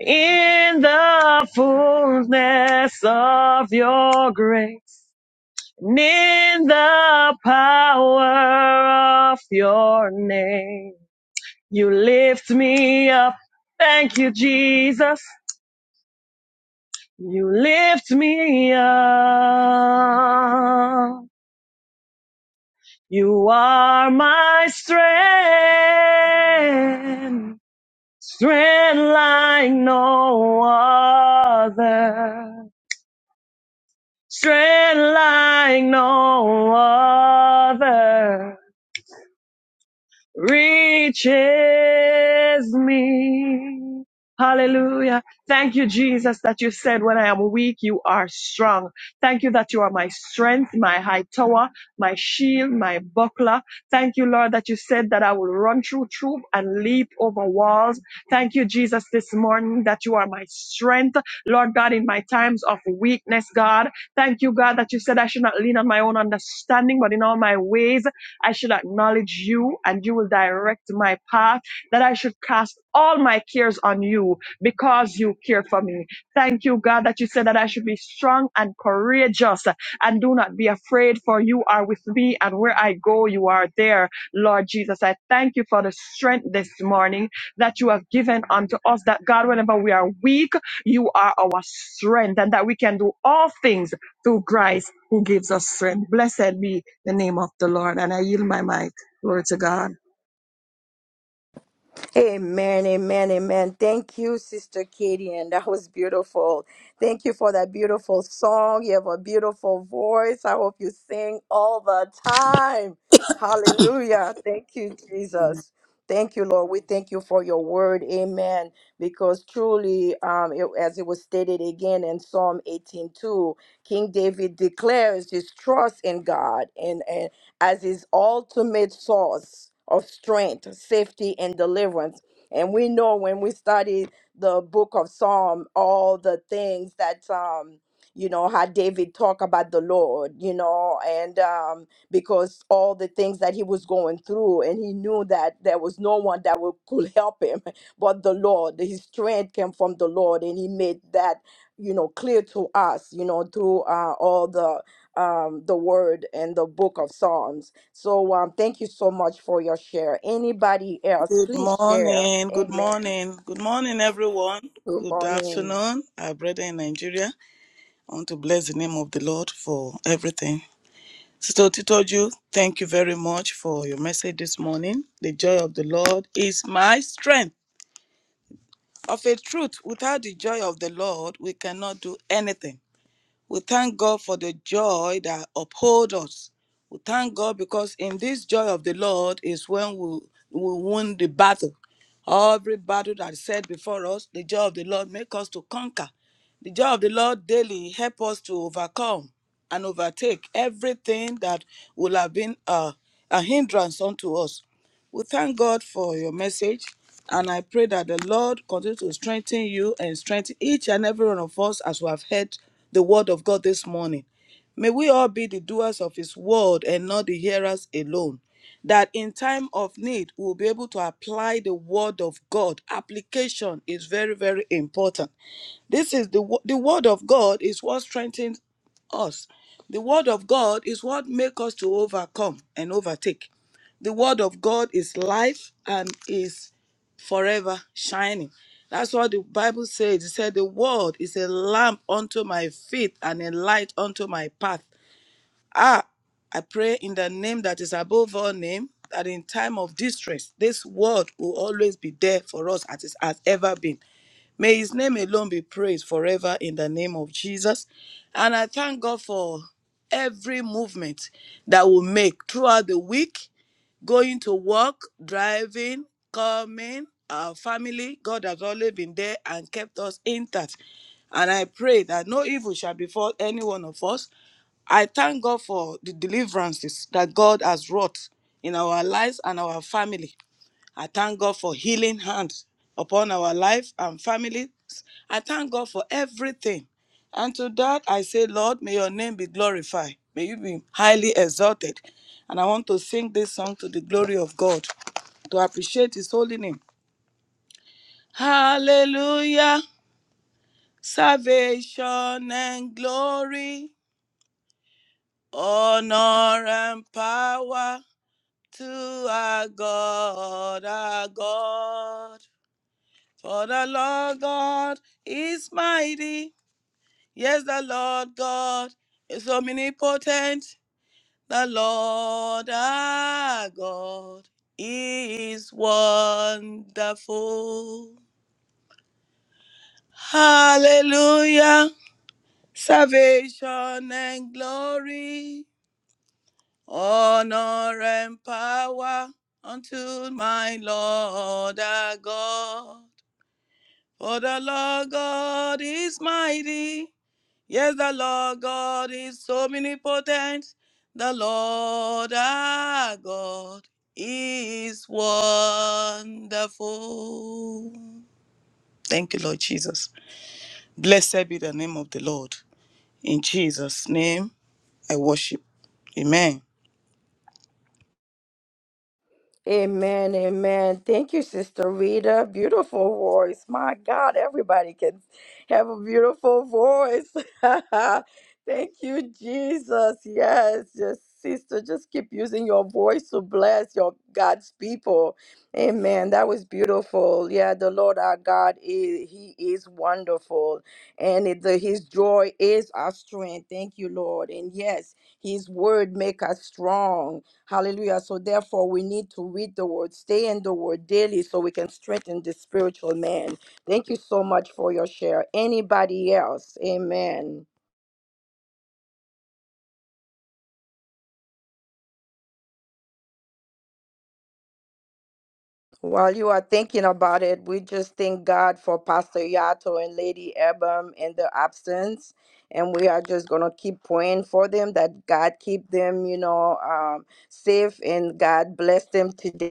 S4: in the fullness of your grace, and in the power of your name. You lift me up. Thank you, Jesus. You lift me up. You are my strength. Strength like no other. Strength like no other. reaches me. Hallelujah. Thank you, Jesus, that you said, when I am weak, you are strong. Thank you that you are my strength, my high tower, my shield, my buckler. Thank you, Lord, that you said that I will run through troop and leap over walls. Thank you, Jesus, this morning that you are my strength. Lord God, in my times of weakness, God, thank you, God, that you said I should not lean on my own understanding, but in all my ways, I should acknowledge you and you will direct my path, that I should cast all my cares on you because you care for me. Thank you, God, that you said that I should be strong and courageous and do not be afraid for you are with me and where I go, you are there. Lord Jesus, I thank you for the strength this morning that you have given unto us that God, whenever we are weak, you are our strength and that we can do all things through Christ who gives us strength. Blessed be the name of the Lord. And I yield my mic. Glory to God.
S2: Amen, amen, amen. Thank you, Sister Katie, and that was beautiful. Thank you for that beautiful song. You have a beautiful voice. I hope you sing all the time. Hallelujah. Thank you, Jesus. Thank you, Lord. We thank you for your word. Amen. Because truly, um, it- as it was stated again in Psalm 18:2, King David declares his trust in God as his ultimate source of strength, safety, and deliverance. And we know when we study the book of Psalm, all the things that um, you know how David talked about the Lord, you know, and um, because all the things that he was going through, and he knew that there was no one that would, could help him *laughs* but the Lord. His strength came from the Lord, and he made that you know clear to us, you know, through uh, all the um, the word and the book of Psalms. So um, thank you so much for your share. Anybody else,
S5: Good
S2: please share.
S5: morning, good
S2: Amen.
S5: morning, good morning, everyone.
S2: Good
S5: Good
S2: morning.
S5: afternoon, our brother in Nigeria. I want to bless the name of the Lord for everything. Sister Otitoju, thank you very much for your message this morning. The joy of the Lord is my strength. Of a truth, without the joy of the Lord, we cannot do anything. We thank God for the joy that uphold us. We thank God because in this joy of the Lord is when we, we win the battle. Every battle that is set before us, the joy of the Lord make us to conquer. The joy of the Lord daily help us to overcome and overtake everything that will have been a, a hindrance unto us. We thank God for your message, and I pray that the Lord continue to strengthen you and strengthen each and every one of us as we have heard the word of God this morning. May we all be the doers of His word and not the hearers alone. That in time of need, we'll be able to apply the word of God. Application is very, very important. This is the, wo- the word of God is what strengthens us. The word of God is what makes us to overcome and overtake. The word of God is life and is forever shining. That's what the Bible says. It said, The word is a lamp unto my feet and a light unto my path. Ah, I pray in the name that is above all name that in time of distress, this word will always be there for us as it has ever been. May his name alone be praised forever in the name of Jesus. And I thank God for every movement that we make throughout the week going to work, driving, coming, our family. God has always been there and kept us intact. And I pray that no evil shall befall any one of us. I thank God for the deliverances that God has wrought in our lives and our family. I thank God for healing hands upon our life and families. I thank God for everything. And to that I say, Lord, may your name be glorified. May you be highly exalted. And I want to sing this song to the glory of God to appreciate his holy name. Hallelujah, salvation and glory, honor and power to our God, our God. For the Lord God is mighty. Yes, the Lord God is omnipotent. The Lord our God is wonderful. Hallelujah. Salvation and glory, honor and power unto my Lord our God. For the Lord God is mighty. Yes, the Lord God is so omnipotent. The Lord our God is wonderful. Thank you, Lord Jesus. Blessed be the name of the Lord. In Jesus' name, I worship. Amen.
S2: Amen, amen. Thank you, Sister Rita. Beautiful voice. My God, everybody can have a beautiful voice. *laughs* Thank you, Jesus. Yes, yes, sister. Just keep using your voice to bless your God's people. Amen. That was beautiful. Yeah, the Lord our God is He is wonderful, and it, the, His joy is our strength. Thank you, Lord. And yes, His word make us strong. Hallelujah. So therefore we need to read the word, stay in the word daily so we can strengthen the spiritual man. Thank you so much for your share. Anybody else? Amen. While you are thinking about it, we just thank God for Pastor Yato and Lady Ebum in their absence. And we are just gonna keep praying for them that God keep them, you know, um, safe and God bless them today.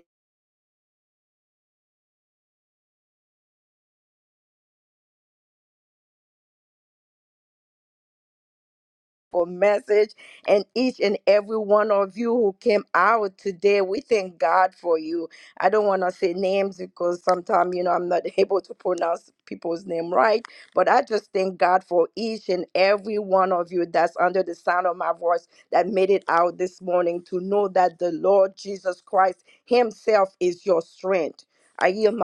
S2: for message and each and every one of you who came out today. We thank God for you. I don't want to say names because sometimes, you know, I'm not able to pronounce people's name right, but I just thank God for each and every one of you that's under the sound of my voice that made it out this morning to know that the Lord Jesus Christ himself is your strength. I yield my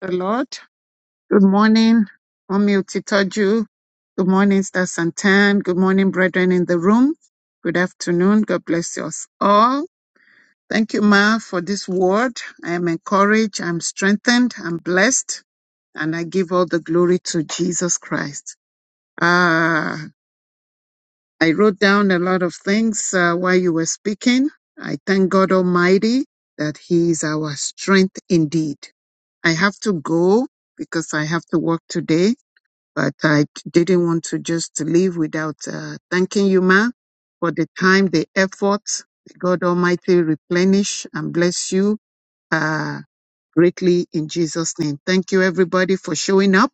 S3: The Lord, good morning. Omio Titoju. Good morning, Star Santan. Good morning, brethren in the room. Good afternoon. God bless you all. Thank you, Ma, for this word. I am encouraged. I'm strengthened. I'm blessed. And I give all the glory to Jesus Christ. Ah. I wrote down a lot of things uh, while you were speaking. I thank God Almighty that He is our strength indeed. I have to go because I have to work today, but I didn't want to just leave without uh, thanking you, Ma, for the time, the effort. May God Almighty replenish and bless you uh, greatly in Jesus' name. Thank you, everybody, for showing up.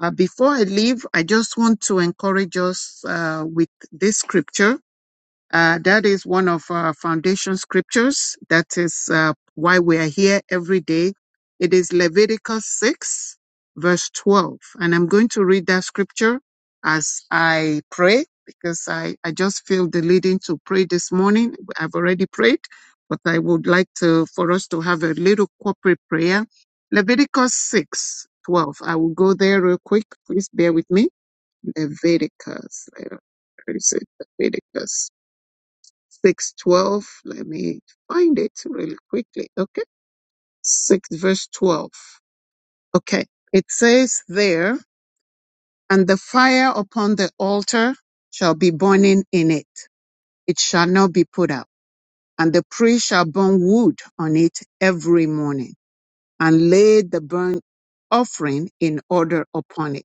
S3: Uh, before I leave, I just want to encourage us uh, with this scripture uh, that is one of our foundation scriptures. That is uh, why we are here every day. It is Leviticus 6, verse 12. And I'm going to read that scripture as I pray because I, I just feel the leading to pray this morning. I've already prayed, but I would like to for us to have a little corporate prayer. Leviticus 6, 12. I will go there real quick. Please bear with me. Leviticus. Where is it? Leviticus. 6 12. Let me find it really quickly. Okay. 6 verse 12. Okay. It says there, and the fire upon the altar shall be burning in it. It shall not be put out. And the priest shall burn wood on it every morning and lay the burnt offering in order upon it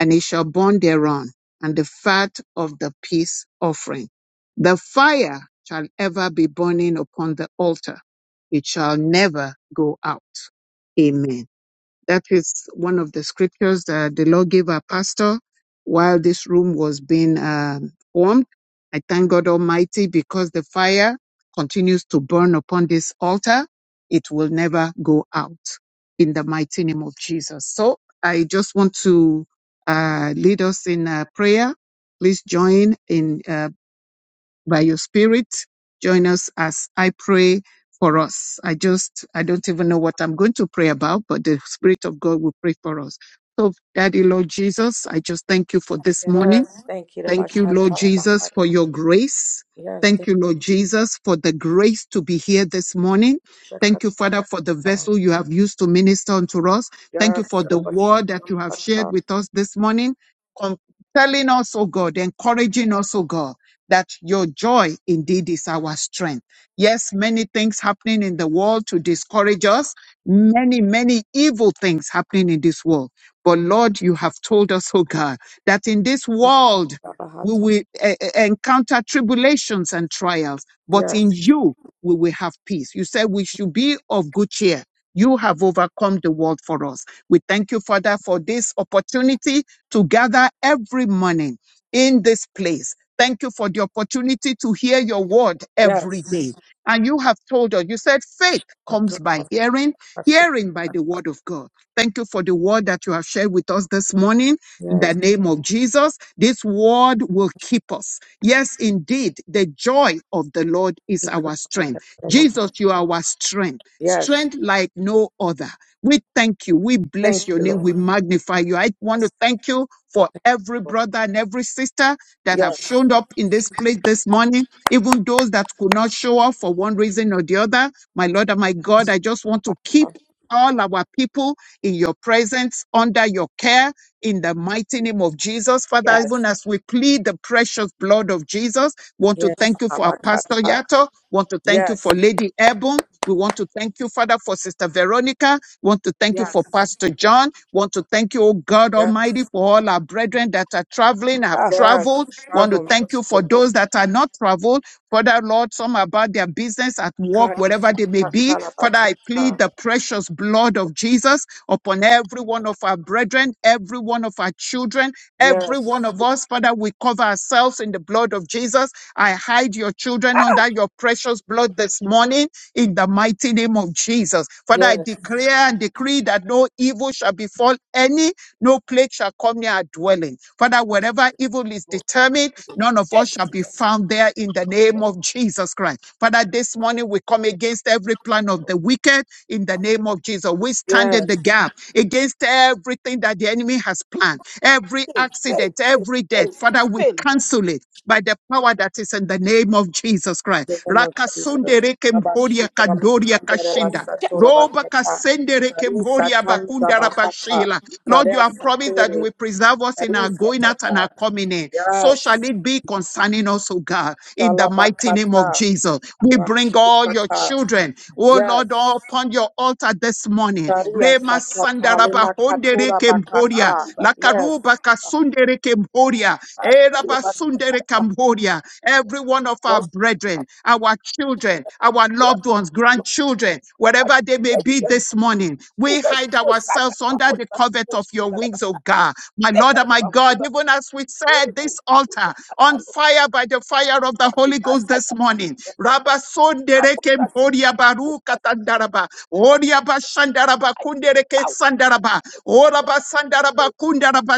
S3: and it shall burn thereon, and the fat of the peace offering. The fire shall ever be burning upon the altar. It shall never go out. Amen. That is one of the scriptures that the Lord gave our pastor while this room was being um, formed. I thank God Almighty because the fire continues to burn upon this altar. It will never go out in the mighty name of Jesus. So I just want to uh, lead us in uh, prayer. Please join in. uh, by your spirit. Join us as I pray for us. I just, I don't even know what I'm going to pray about, but the Spirit of God will pray for us. So, Daddy, Lord Jesus, I just thank you for this morning.
S2: yes, thank you. Rabbi
S3: Thank you, Lord
S2: Shatta, my
S3: Jesus,
S2: heart.
S3: for your grace.
S2: Yes,
S3: Thank
S2: thank you.
S3: you, Lord Jesus, for the grace to be here this morning.
S2: Shaka,
S3: Thank you, Father,
S2: Rabbi
S3: for the
S2: Shatta.
S3: vessel you have used to minister unto us. Thank
S2: Yes,
S3: you for the
S2: Rabbi
S3: word that
S2: Shatta.
S3: you have
S2: my heart.
S3: shared with us this morning, com- telling us, oh God, encouraging us, oh God, that your joy indeed is our strength. Yes, many things happening in the world to discourage us, many, many evil things happening in this world. But Lord, you have told us, oh God, that in this world we
S2: Rabahata.
S3: will eh, eh, encounter tribulations and trials, but
S2: Yes,
S3: in you we will have peace. You said we should be of good cheer. You have overcome the world for us. We thank you, Father, for this opportunity to gather every morning in this place. Thank you for the opportunity to hear your word every day.
S2: yes.
S3: And you have told us, you said faith comes by hearing, hearing by the word of God. Thank you for the word that you have shared with us this morning. In the
S2: Yes,
S3: name of Jesus, this word will keep us. Yes, indeed, the joy of the Lord is our strength. Jesus, you are our strength,
S2: yes.
S3: strength like no other. We thank you. We
S2: Thank
S3: bless your
S2: you,
S3: name. We
S2: Lord.
S3: magnify you. I want to thank you for every brother and every sister that have
S2: Yes,
S3: shown up in this place this morning, even those that could not show up for one reason or the other. My Lord and my God, I just want to keep all our people in your presence, under your care in the mighty name of Jesus. Father,
S2: yes,
S3: even as we plead the precious blood of Jesus, want to
S2: yes.
S3: thank you for our pastor
S2: Abakata.
S3: Yato, want to thank you
S2: Yes,
S3: for Lady Ebon. We want to thank you, Father, for Sister Veronica. Want to thank you for
S2: yes,
S3: Pastor John. Want to thank you, oh God
S2: yes,
S3: Almighty, for all our brethren that are traveling, have
S5: Ah,
S2: yes.
S3: traveled. Want
S2: Have
S3: to
S2: a
S3: thank
S2: mercy,
S3: you for
S2: Lord.
S3: those that are not traveled. Father, Lord, some are about their business at work,
S2: God,
S3: wherever they may be. Father, I plead the precious blood of Jesus upon every one of our brethren, every one of our children, every
S2: Yes,
S3: one of us. Father, we cover ourselves in the blood of Jesus. I hide your children under your precious blood this morning in the mighty name of Jesus. Father, I
S2: yes,
S3: declare and decree that no evil shall befall any, no plague shall come near our dwelling. Father, wherever evil is
S5: Lord,
S3: determined, none of
S5: shed
S3: us
S5: it
S3: shall
S5: to
S3: be
S5: them.
S3: found there in the name of Jesus Christ. Father, this morning we come against every plan of the wicked in the name of Jesus. We stand in the
S2: yes.
S3: gap against everything that the enemy has planned, every accident, every
S5: Hey,
S3: death. Father, we cancel it. By the power that is in the name of Jesus Christ.
S2: the name of Jesus.
S3: Rakasunde rekemhoria
S2: Rabashika
S3: kandoria
S2: Ramakanda
S3: kashinda.
S2: Rebasato
S3: Roba
S2: Rabakata.
S3: kasende
S2: Karisa
S3: rekemhoria
S2: Tanda
S3: bakunda
S2: Bahata.
S3: rabashila. Lord, you
S2: Karea
S3: have promised that you
S2: Satore.
S3: will preserve us in our
S2: Karusa
S3: going out and
S2: Tata.
S3: our coming in. So shall
S2: Yes.
S3: it be concerning us, O God, in the mighty name of
S2: Shalabakata.
S3: Jesus. We bring all your
S2: Rashikata.
S3: children, O
S2: Yes.
S3: Lord, all upon your altar this morning.
S2: Karia
S3: Rema
S2: Satata
S3: sandaraba hondere
S2: Lemakatura
S3: kemporia,
S2: Bakata. Yes.
S3: lakaruba kasundere kemporia, eraba
S5: Master,
S3: sundere kemporia. Every one of our
S5: Lord,
S3: brethren, our children, our loved ones,
S5: Lord,
S3: grandchildren,
S5: that
S3: wherever they may
S5: you
S3: be
S5: tell
S3: this morning. We hide ourselves
S5: Papa,
S3: under
S5: Lord,
S3: the covert
S5: Lord,
S3: of your
S5: about
S3: wings, oh God. My
S5: take
S3: Lord
S5: care
S3: and
S5: of
S3: my
S5: our
S3: God,
S5: fever,
S3: even as we
S5: Lord,
S3: said,
S5: of our
S3: this
S5: food,
S3: altar
S5: and that
S3: on
S5: Lord,
S3: fire by the fire of the
S5: not in
S3: Holy
S5: our
S3: Ghost
S5: sight,
S3: this morning. Rabba
S5: I put
S3: sondereke
S5: that sick,
S3: mporia baru katandaraba. Oria bashandaraba
S5: I am the
S3: kundereke
S5: power.
S3: sandaraba.
S5: of the Holy
S3: Sandarabakunda
S5: Spirit.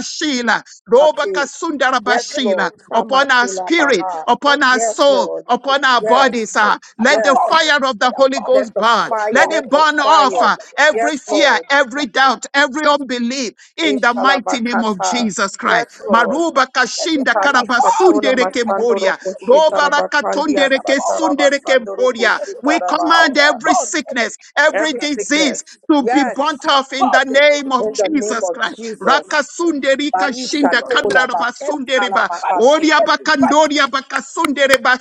S3: Roba
S2: Ati.
S3: kasunda
S5: I
S2: Yes,
S5: can
S3: rabashila
S2: Lord.
S3: upon our
S2: Kamatila
S3: spirit,
S2: Baha.
S5: Lord
S3: upon our
S2: Yes,
S5: Jesus,
S3: soul,
S2: Lord.
S5: I
S3: upon our
S2: Yes.
S5: fall.
S3: bodies.
S5: Let the
S3: ah.
S5: fire
S3: Let the
S2: Yes.
S5: fall. Let
S3: fire of the
S5: the fire
S3: Holy
S5: fall.
S2: Let
S3: Ghost
S2: the
S3: burn.
S2: fire,
S3: Let
S2: let
S3: it
S5: Let
S2: the
S5: the
S3: burn
S5: fire
S3: off
S2: fire.
S5: fall.
S3: ah,
S5: Let the fire fall. Let the
S2: Yes,
S5: fire
S3: every
S5: fall.
S2: Lord.
S3: fear,
S5: In
S3: every
S5: the name
S3: doubt,
S5: of
S3: every
S5: Jesus,
S3: unbelief in the mighty name of
S2: Eshalabakata.
S3: Jesus
S2: Yes,
S3: Christ.
S5: Lord
S2: Lord.
S5: Jesus,
S3: Maruba
S5: let the
S3: kashinda
S5: fire
S2: Karisa
S5: fall.
S3: karabasunde
S2: tora
S5: Let the fire
S2: masandoro
S5: fall.
S3: rekemboria. Roba
S2: koshitara bakandia
S5: Fire fall.
S3: rakatonde
S2: sataraba sandoro
S3: Sunderikebodia.
S5: Let the
S3: We
S2: koshitara
S5: fire
S3: command
S5: fall.
S2: bahata.
S3: every
S5: Burn every
S3: sickness,
S5: in
S3: every
S2: Every
S5: the name.
S2: sickness.
S3: disease to be
S5: Let
S2: Yes.
S5: the
S3: burnt
S5: fire
S3: off in the
S5: burn them. Oh
S3: name
S5: Lord,
S3: of
S2: In the name
S3: Jesus
S2: of
S3: Christ.
S5: God,
S2: Jesus.
S3: Rakasunderika
S5: oh
S2: Barisa
S3: shinda
S5: Lord, God,
S2: tola
S3: kandaraba
S5: every
S2: bakala
S3: sundereba.
S5: family,
S2: bahate.
S3: Oria
S5: every family,
S3: bakandoria bakasundereba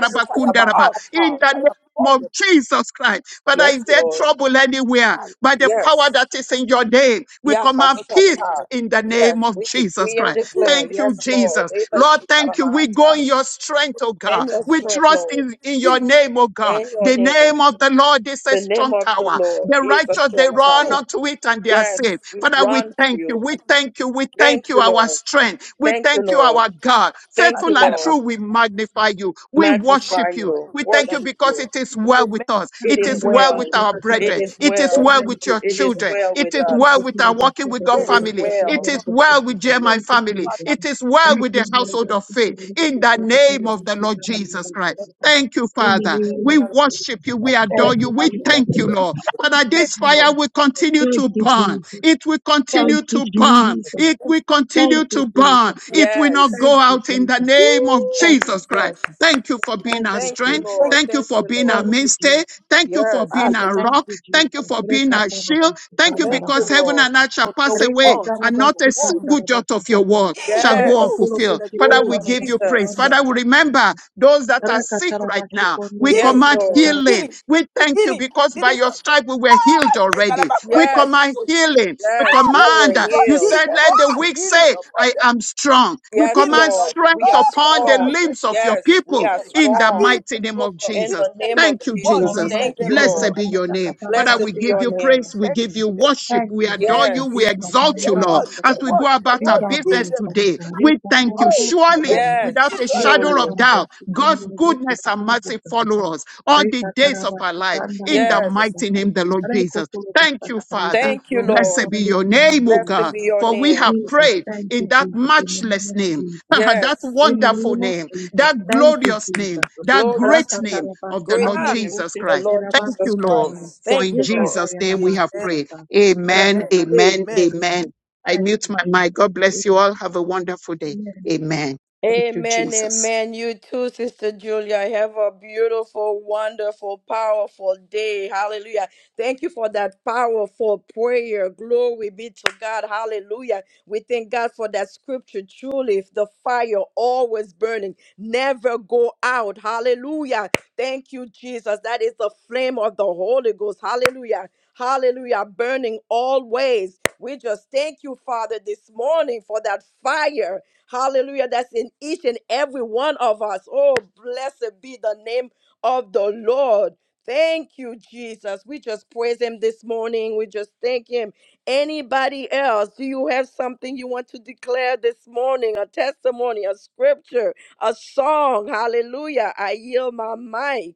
S5: let the fire
S2: Kala
S3: kundaraba.
S5: fall.
S3: In the
S5: Let the fire
S3: name
S5: fall them.
S3: of Jesus Christ. Father,
S2: Yes,
S3: is there
S2: Lord.
S3: trouble anywhere?
S5: And
S3: By the power
S2: Yes.
S3: that is in your name, we command
S5: Lord
S3: peace
S2: Yahashata.
S5: Jesus,
S3: in the
S2: Yes,
S3: name of
S2: we
S3: Jesus
S2: decree and
S3: Christ.
S5: your
S2: declare.
S5: healing.
S3: Thank you,
S2: Yes, Lord.
S3: Jesus.
S2: Eba
S3: Lord,
S2: shitara
S3: thank you. We go
S2: mahata.
S3: in your strength, oh
S2: In
S3: God.
S2: your
S3: We
S2: strength,
S3: trust
S2: Lord.
S3: in, in your
S5: healing
S3: name, oh God.
S2: In your
S3: The
S2: name.
S3: name of the Lord is a
S2: The name
S3: strong
S2: of the
S3: tower.
S2: Lord
S3: The
S2: is a
S3: righteous, they
S2: strong
S5: Jesus.
S3: run
S5: Say,
S2: tower.
S3: unto it and they are
S2: Yes,
S3: saved.
S2: we
S3: Father, we
S2: run to
S3: thank you.
S2: you.
S3: We thank you. We
S2: Thank
S3: thank you,
S2: you,
S3: our
S2: Lord.
S3: strength. We
S2: Thank you,
S3: thank you,
S2: Lord.
S3: our God.
S5: I
S2: Thank you,
S3: Faithful
S5: got
S3: and
S5: about
S3: true,
S2: Lord.
S3: we magnify you. We
S2: Magnify
S3: worship you.
S2: you.
S3: We thank
S5: that.
S3: you
S2: Worship
S3: because
S2: you.
S3: it is
S5: Jesus.
S3: well with
S5: Amen.
S3: us.
S2: It
S3: It
S2: is
S5: Amen.
S3: is well
S2: well.
S3: with our with our
S2: It
S3: brethren.
S2: is
S3: It is
S2: well.
S5: Amen.
S3: well with your
S2: It is
S3: children.
S2: well
S3: It
S2: with
S3: is well
S2: us.
S3: with our walking with
S5: Amen.
S3: God
S2: It is
S5: Amen.
S3: family. It
S2: well.
S3: is
S5: Lord.
S3: well with
S5: Amen. Lord.
S3: Jeremiah family.
S5: Father
S3: It is well with the household of faith. In the name
S5: Jesus.
S3: of the Lord
S5: Lord,
S3: Jesus Christ. Thank you,
S5: Thank you, thank you,
S3: Father.
S5: Lord.
S3: We
S5: Father,
S3: worship you. We
S5: Thank you.
S3: adore
S5: Thank you,
S3: you. We
S5: Daddy. Thank
S3: thank
S5: you,
S3: you,
S5: Lord
S3: Lord.
S5: Jesus.
S3: Father, this
S5: Faithful God.
S3: fire will
S5: Thank you,
S3: continue
S5: Lord
S3: to
S5: Jesus.
S3: burn. It will
S5: Thank
S3: continue
S5: you,
S3: to burn.
S5: Lord Jesus.
S3: It
S5: Thank
S3: will
S5: you,
S3: continue
S5: Lord
S3: to burn. It will
S5: Jesus.
S3: not
S2: Yes.
S3: go out in the name of
S2: Woo,
S3: Jesus Christ.
S2: Jesus.
S3: Thank you for being our
S2: Thank you,
S3: strength.
S5: Thank you, Lord
S2: Lord.
S3: Thank you
S2: Thank
S3: for
S2: you,
S3: being our
S2: Lord.
S5: Jesus.
S3: mainstay. Thank you for
S5: Ah,
S3: being
S2: Yes.
S5: Lord
S3: our
S5: Jesus.
S3: rock. Thank you
S5: Father,
S3: for being
S5: Thank you
S3: our shield. Thank you
S2: Thank you,
S3: because heaven
S2: Lord.
S3: and earth shall
S5: for your
S3: pass away
S5: word.
S3: and not
S5: Your
S3: a
S5: word.
S3: single jot of
S5: Lord
S3: your word shall
S5: Jesus.
S3: go
S5: Oh,
S2: Yes.
S5: this is
S3: unfulfilled.
S5: a great
S3: Father,
S2: Woo,
S3: we
S5: promise.
S3: give you praise.
S2: Jesus.
S3: Father, we remember those that are
S5: Father.
S3: sick right now. We
S5: Heal
S2: Yes,
S5: him.
S3: command
S2: Lord.
S5: Lord, Heal
S3: healing.
S5: him.
S3: We thank
S5: Heal
S3: you
S5: him.
S3: because by
S5: Deliver
S3: your
S5: us.
S3: stripe we were
S5: Oh,
S3: healed
S5: my sake, and
S3: already.
S5: about God,
S3: We
S5: it has been
S2: Yes.
S3: command
S5: good.
S3: healing. We
S2: Yes,
S5: Ah,
S2: we
S5: Lord
S3: command,
S2: were
S3: uh,
S5: Jesus,
S3: you
S5: heal
S2: healed.
S3: said,
S5: them.
S3: let the
S5: Oh,
S3: weak
S5: heal him
S3: say,
S5: upon
S3: I
S5: them.
S3: am strong. We
S2: Yes,
S5: Heal him,
S3: command
S5: Lord
S2: Lord.
S5: Jesus.
S2: We
S3: strength
S2: are
S5: Oh,
S3: upon upon the
S5: upon us,
S2: strong.
S5: Lord.
S3: limbs of
S5: And
S3: your
S2: Yes,
S5: speak,
S2: we
S5: oh,
S3: people
S2: are
S5: Lord,
S3: in
S5: Father.
S3: the
S2: strong.
S5: Heal
S3: mighty
S5: them,
S3: name
S5: oh,
S3: of
S5: Lord.
S2: In
S5: Heal
S3: Jesus.
S5: them.
S2: the
S5: May
S2: name
S5: Your
S2: of
S3: Thank you,
S5: word
S2: Jesus.
S5: heal
S3: Jesus.
S2: Thank
S5: them,
S2: you,
S5: oh, Lord,
S2: Lord.
S3: Blessed be
S5: Father.
S3: your name. Father,
S2: Blessed
S3: we
S2: be
S3: give
S2: your
S3: you
S2: name.
S3: praise. We
S5: Thank
S3: give
S5: you
S3: you worship. We adore
S2: Yes,
S3: you. We
S5: for
S3: exalt you,
S5: your
S3: Lord.
S5: word,
S3: As
S5: your
S3: we
S5: word,
S3: go
S5: your
S3: about our
S5: word. Heal
S3: business
S5: them, oh, Lord.
S3: today, we thank you.
S5: Oh, and
S3: Surely,
S5: then
S2: yes,
S3: without a
S5: deliver us, oh,
S3: shadow
S5: Lord.
S2: surely.
S3: of
S5: Yes,
S3: doubt, God's goodness and mercy follow us all the days of our life. In the
S2: Yes.
S5: yes, thank
S3: mighty
S5: you,
S3: name, of the Lord Jesus. Thank you, Father.
S2: Thank you, Lord.
S3: Blessed be your name, O
S2: Blessed
S3: God.
S2: be your
S3: For we
S2: name.
S3: have
S5: Lord.
S3: prayed in that matchless name. *laughs* that
S2: Yes.
S3: wonderful name, that
S5: Thank you, Lord.
S3: glorious name, that
S2: Glorious
S3: great
S2: name.
S3: name of the
S2: Great
S3: Lord
S5: Ah,
S2: name.
S3: Jesus
S2: The
S3: Christ.
S2: Lord
S3: Thank
S2: Jesus
S3: you, Lord,
S2: Christ.
S3: for
S2: Thank
S3: in
S2: you, Lord.
S3: Jesus' name we have
S5: amen,
S3: prayed. Amen,
S5: amen,
S3: amen,
S5: amen.
S3: amen. I mute my mic. God bless you all. Have a wonderful day. Amen. Thank you,
S2: Amen,
S3: Jesus.
S2: amen. You too, Sister Julia. Have a beautiful, wonderful, powerful day. Hallelujah. Thank you for that powerful prayer. Glory be to God. Hallelujah. We thank God for that scripture. Truly, if the fire always burning, never go out. Hallelujah. Thank you, Jesus. That is the flame of the Holy Ghost. Hallelujah. Hallelujah. Burning always. We just thank you, Father, this morning for that fire. Hallelujah. That's in each and every one of us. Oh, blessed be the name of the Lord. Thank you, Jesus. We just praise him this morning. We just thank him. Anybody else, do you have something you want to declare this morning? A testimony, a scripture, a song? Hallelujah. I yield my mic.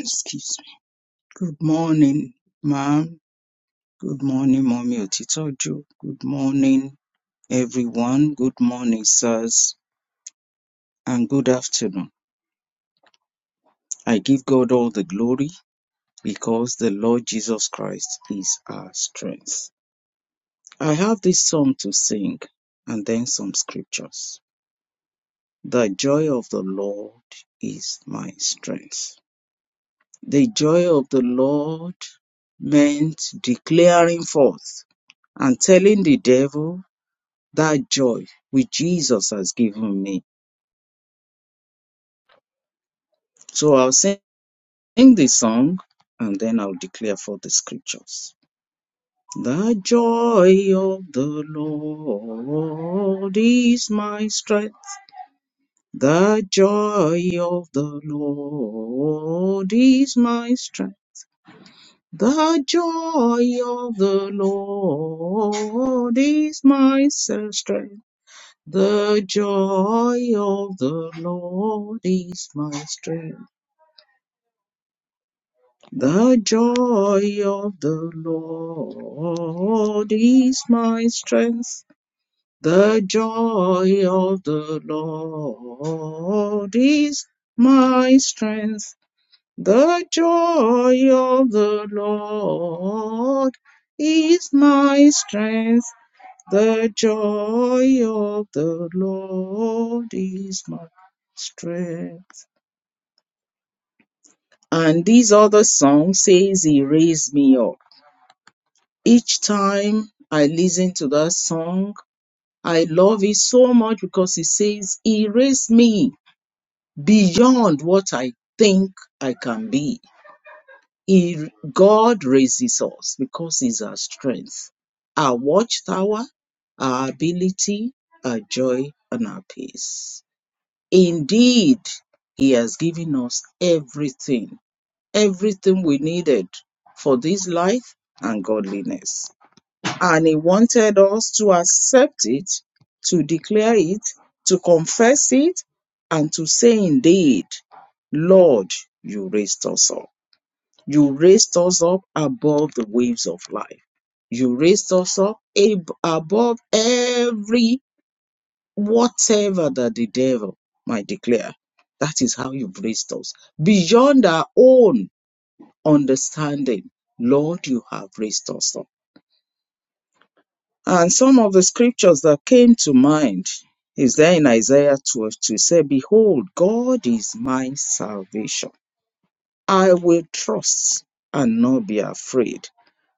S6: Excuse me. Good morning, ma'am. Good morning, Mommy Otitoju. Good morning, everyone. Good morning, sirs, and good afternoon. I give God all the glory because the Lord Jesus Christ is our strength. I have this song to sing and then some scriptures. The joy of the Lord is my strength. The joy of the Lord meant declaring forth and telling the devil that joy which Jesus has given me. So I'll sing the song and then I'll declare for the scriptures. The joy of the Lord is my strength. The joy of the Lord is my strength. The joy of the Lord is my strength. The joy of the Lord is my strength. The joy of the Lord is my strength. The joy of the Lord is my strength. The joy of the Lord is my strength. The joy of the Lord is my strength. And these other songs says he raised me up. each time I listen to that song, I love it so much because it says, He raised me beyond what I think I can be. He, God raises us because He's our strength, our watchtower, our ability, our joy, and our peace. Indeed, He has given us everything, everything we needed for this life and godliness. and he wanted us to accept it, to declare it, to confess it, and to say, Indeed, Lord, you raised us up. You raised us up above the waves of life. You raised us up ab- above every whatever that the devil might declare. That is how you've raised us. Beyond our own understanding, Lord, you have raised us up. And some of the scriptures that came to mind is there in Isaiah 12 to say, Behold, God is my salvation. I will trust and not be afraid.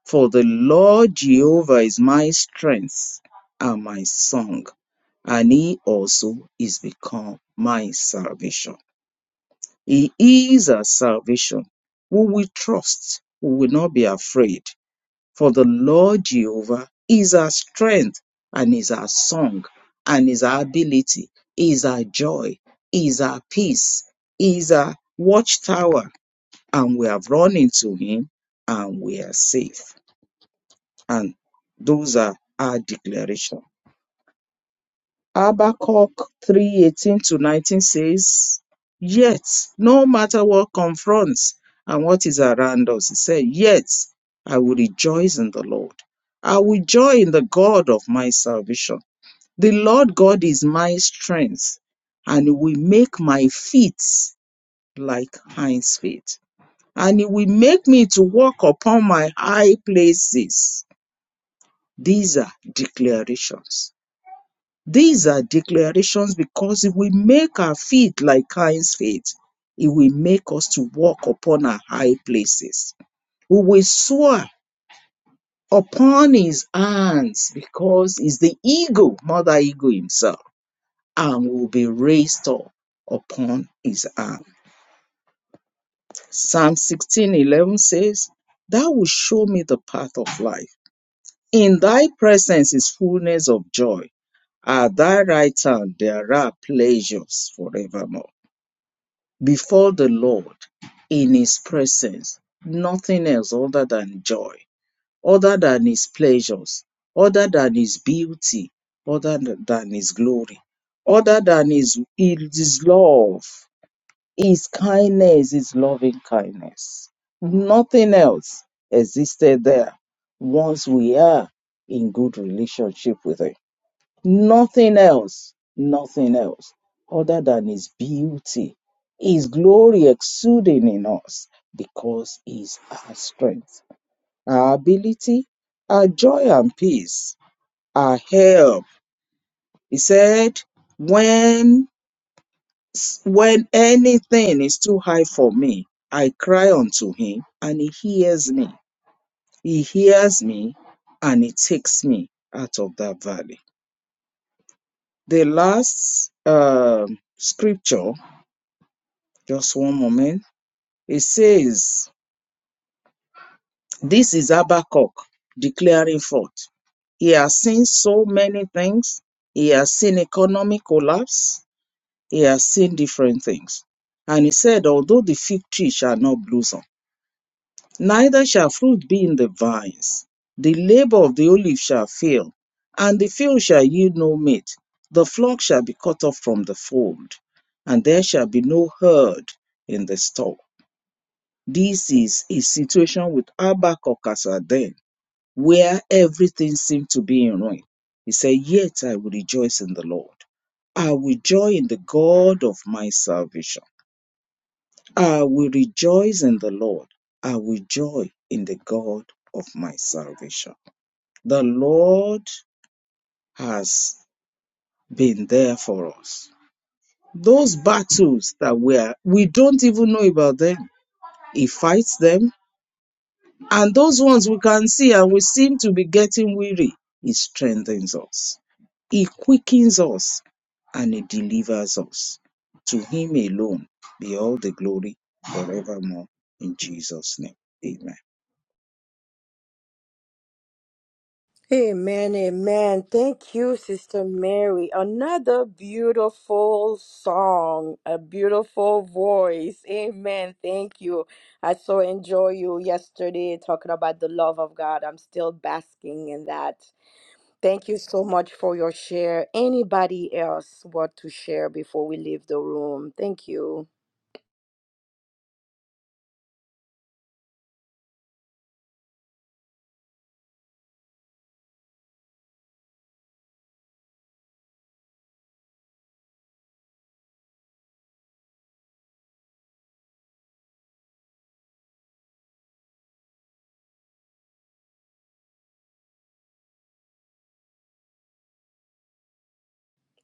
S6: For the Lord Jehovah is my strength and my song, and he also is become my salvation. He is our salvation. We will trust, we will not be afraid for the Lord Jehovah is our strength and is our song and is our ability, is our joy, is our peace, is our watchtower, and we have run into him and we are safe. And those are our declaration. Habakkuk 3:18 to 19 says, Yet, no matter what confronts and what is around us, he said, Yet I will rejoice in the Lord. I will joy in the God of my salvation. The Lord God is my strength, and he will make my feet like hinds feet, and he will make me to walk upon my high places. These are declarations these are declarations because if we make our feet like Cain's feet, it will make us to walk upon our high places. We will soar upon his hands because he's the eagle, mother eagle himself, and will be raised up upon his hand. Psalm 16 11 says, Thou wilt show me the path of life. In thy presence is fullness of joy. At thy right hand there are pleasures forevermore. before the Lord in His presence, nothing else other than joy, other than His pleasures, other than His beauty, other than His glory, other than His, his love, His kindness, His loving kindness. Nothing else existed there once we are in good relationship with Him. Nothing else, nothing else other than His beauty, His glory exuding in us because He is our strength, our ability, our joy and peace, our help. He said, when, when anything is too high for me, I cry unto Him and He hears me. He hears me and He takes me out of that valley. The last um, scripture Just one moment. It says, This is Habakkuk declaring forth. He has seen so many things. He has seen economic collapse. He has seen different things. And he said, Although the fig tree shall not blossom, neither shall fruit be in the vines, the labor of the olive shall fail, and the field shall yield no meat. The flock shall be cut off from the fold, and there shall be no herd in the stock This is a situation with Habakkuk as at then, where everything seemed to be in ruin. He said, Yet I will rejoice in the Lord. I will joy in the God of my salvation. I will rejoice in the Lord. I will joy in the God of my salvation. The Lord has been there for us. Those battles that we are, we don't even know about them. He fights them And those ones we can see and we seem to be getting weary, He strengthens us, He quickens us, and He delivers us. To Him alone be all the glory forevermore. In Jesus' name, amen.
S2: Amen, amen. Thank you, Sister Mary. Another beautiful song, a beautiful voice. Amen. Thank you. I so enjoy you yesterday talking about the love of God. I'm still basking in that. Thank you so much for your share. Anybody else want to share before we leave the room? Thank you.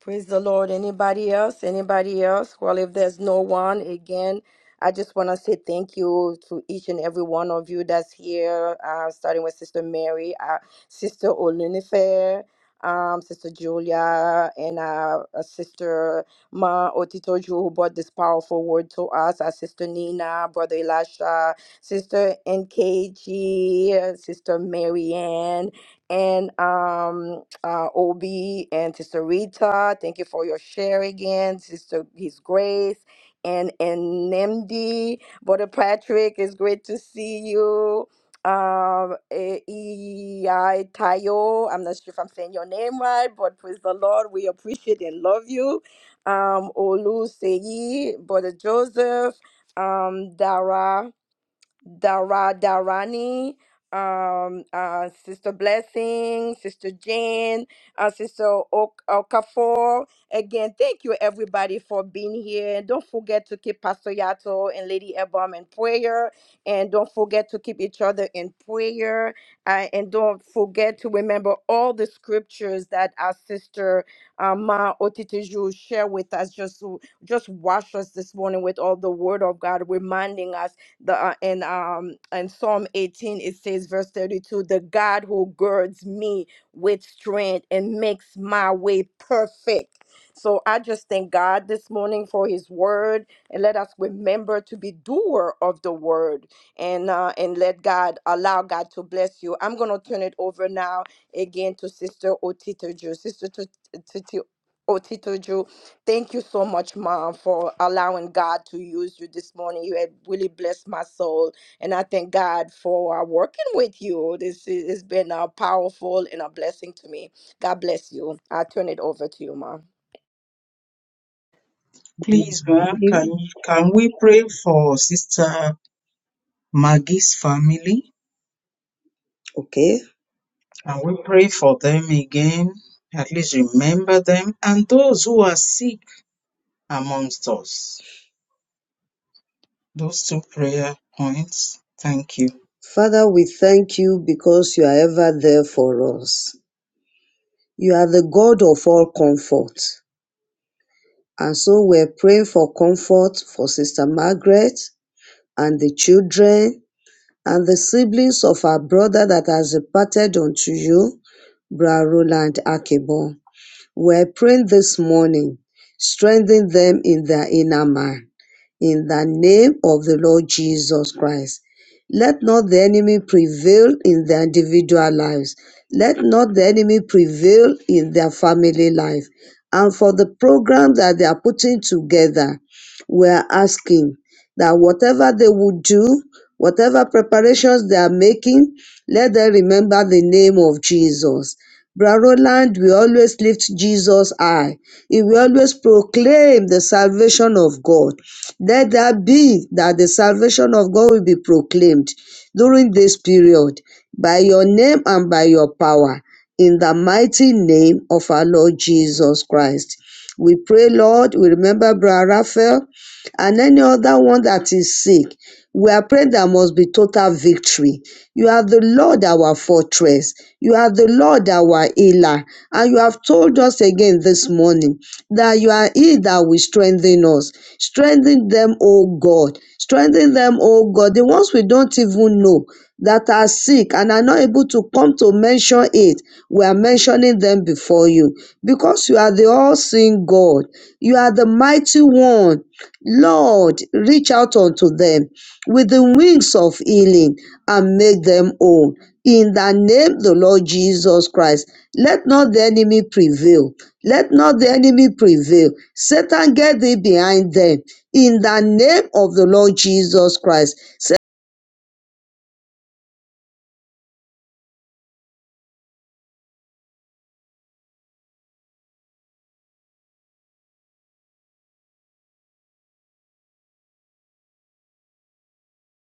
S2: Praise the Lord. Anybody else? Anybody else? Well, if there's no one, again, I just want to say thank you to each and every one of you that's here, uh, starting with Sister Mary, uh, Sister Olunife, um, Sister Julia, and uh, uh, Sister Ma Otitoju, who brought this powerful word to us, our Sister Nina, Brother Elisha, Sister NKG, uh, Sister Marianne, and um, uh, OB and Sister Rita. Thank you for your share again, Sister His Grace and and Nemdi. Brother Patrick, it's great to see you. Um, E- EI Tayo, I'm not sure if I'm saying your name right, but praise the Lord, we appreciate and love you. Um, Olu Seyi, Brother Joseph, um, Dara. Dara Darani, um, uh, Sister Blessing, Sister Jane, uh, Sister o- Okafor. Again, thank you everybody for being here. And don't forget to keep Pastor Yato and Lady Ebom in prayer. And don't forget to keep each other in prayer. Uh, and don't forget to remember all the scriptures that our sister uh, Ma Otitiju shared with us. Just, just wash us this morning with all the word of God, reminding us the uh, and um and Psalm 18 it says verse 32, the God who girds me with strength and makes my way perfect. So I just thank God this morning for His Word, and let us remember to be doer of the Word, and uh, and let God allow God to bless you. I'm gonna turn it over now again to Sister Otitoju. Sister Tot- Titi- Otitoju, Thank you so much, Mom, for allowing God to use you this morning. You had really blessed my soul, and I thank God for uh, working with you. This has been uh, powerful and a blessing to me. God bless you. I turn it over to you, Mom.
S6: Please, ma, can you, can we pray for Sister Maggie's family?
S1: Okay.
S6: Can we pray for them again? At least remember them and those who are sick amongst us. Those two prayer points. Thank you.
S1: Father, we thank you because you are ever there for us. You are the God of all comfort. And so we're praying for comfort for Sister Margaret and the children and the siblings of our brother that has departed unto you, Brother Roland Akebo. We're praying this morning, strengthen them in their inner man, in the name of the Lord Jesus Christ. Let not the enemy prevail in their individual lives. Let not the enemy prevail in their family life. And for the program that they are putting together, we're asking that whatever they would do, whatever preparations they are making, let them remember the name of Jesus. Bra Roland will always lift Jesus high. He will always proclaim the salvation of God. Let that be that the salvation of God will be proclaimed during this period by your name and by your power in the mighty name of our Lord Jesus Christ. We pray, Lord, we remember Brother Raphael and any other one that is sick. We are praying that must be total victory. You are the Lord our fortress. You are the Lord our healer. And you have told us again this morning that you are He that will strengthen us. Strengthen them, O God. Strengthen them, O God. The ones we don't even know that are sick and are not able to come to mention it, we are mentioning them before you because you are the all seeing God. You are the mighty one. Lord, reach out unto them with the wings of healing and make them whole. In the name of the Lord Jesus Christ, let not the enemy prevail. Let not the enemy prevail. Satan, get thee behind them. In the name of the Lord Jesus Christ,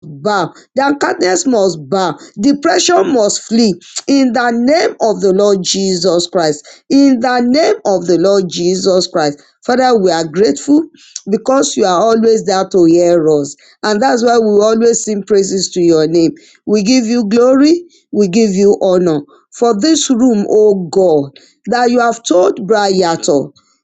S1: bow darkness must bow depression must flee in the name of the lord jesus christ in the name of the lord jesus christ father we are grateful because you are always there to hear us and that's why we always sing praises to your name we give you glory we give you honor for this room oh god that you have told brian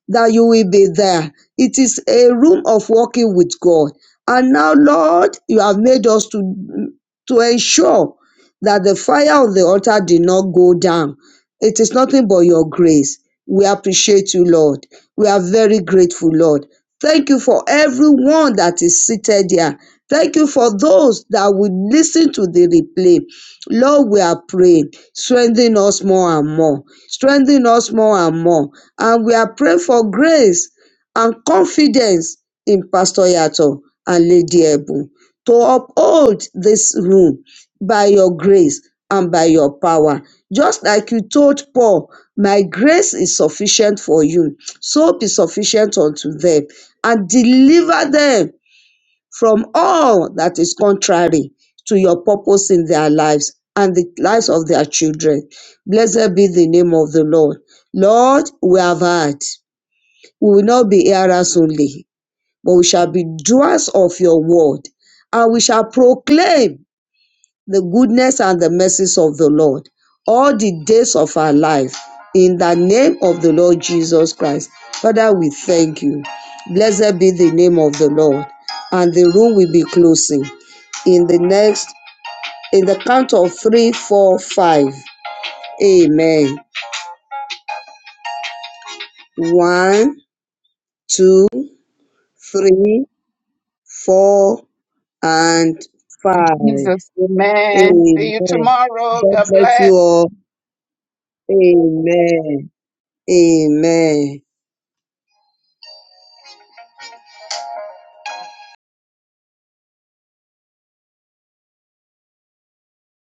S1: that you will be there it is a room of walking with god and now, Lord, you have made us to, to ensure that the fire on the altar did not go down. It is nothing but your grace. We appreciate you, Lord. We are very grateful, Lord. Thank you for everyone that is seated here. Thank you for those that will listen to the replay. Lord, we are praying. Strengthen us more and more. Strengthen us more and more. And we are praying for grace and confidence in pastor yato and lady ebun to uphold this room by your grace and by your power just like you told paul my grace is sufficient for you so be sufficient unto them and deliver them from all that is contrary to your purpose in their lives and the lives of their children blessed be the name of the lord lord we have heard we will not be hearers only but we shall be doers of your word, and we shall proclaim the goodness and the mercies of the Lord all the days of our life. In the name of the Lord Jesus Christ. Father, we thank you. Blessed be the name of the Lord. And the room will be closing in the next, in the count of three, four, five. Amen. One, two, three, four, and five.
S3: Jesus, amen. See you
S1: Amen.
S3: tomorrow.
S1: God
S3: God
S1: bless you
S3: bless.
S1: all. Amen. Amen.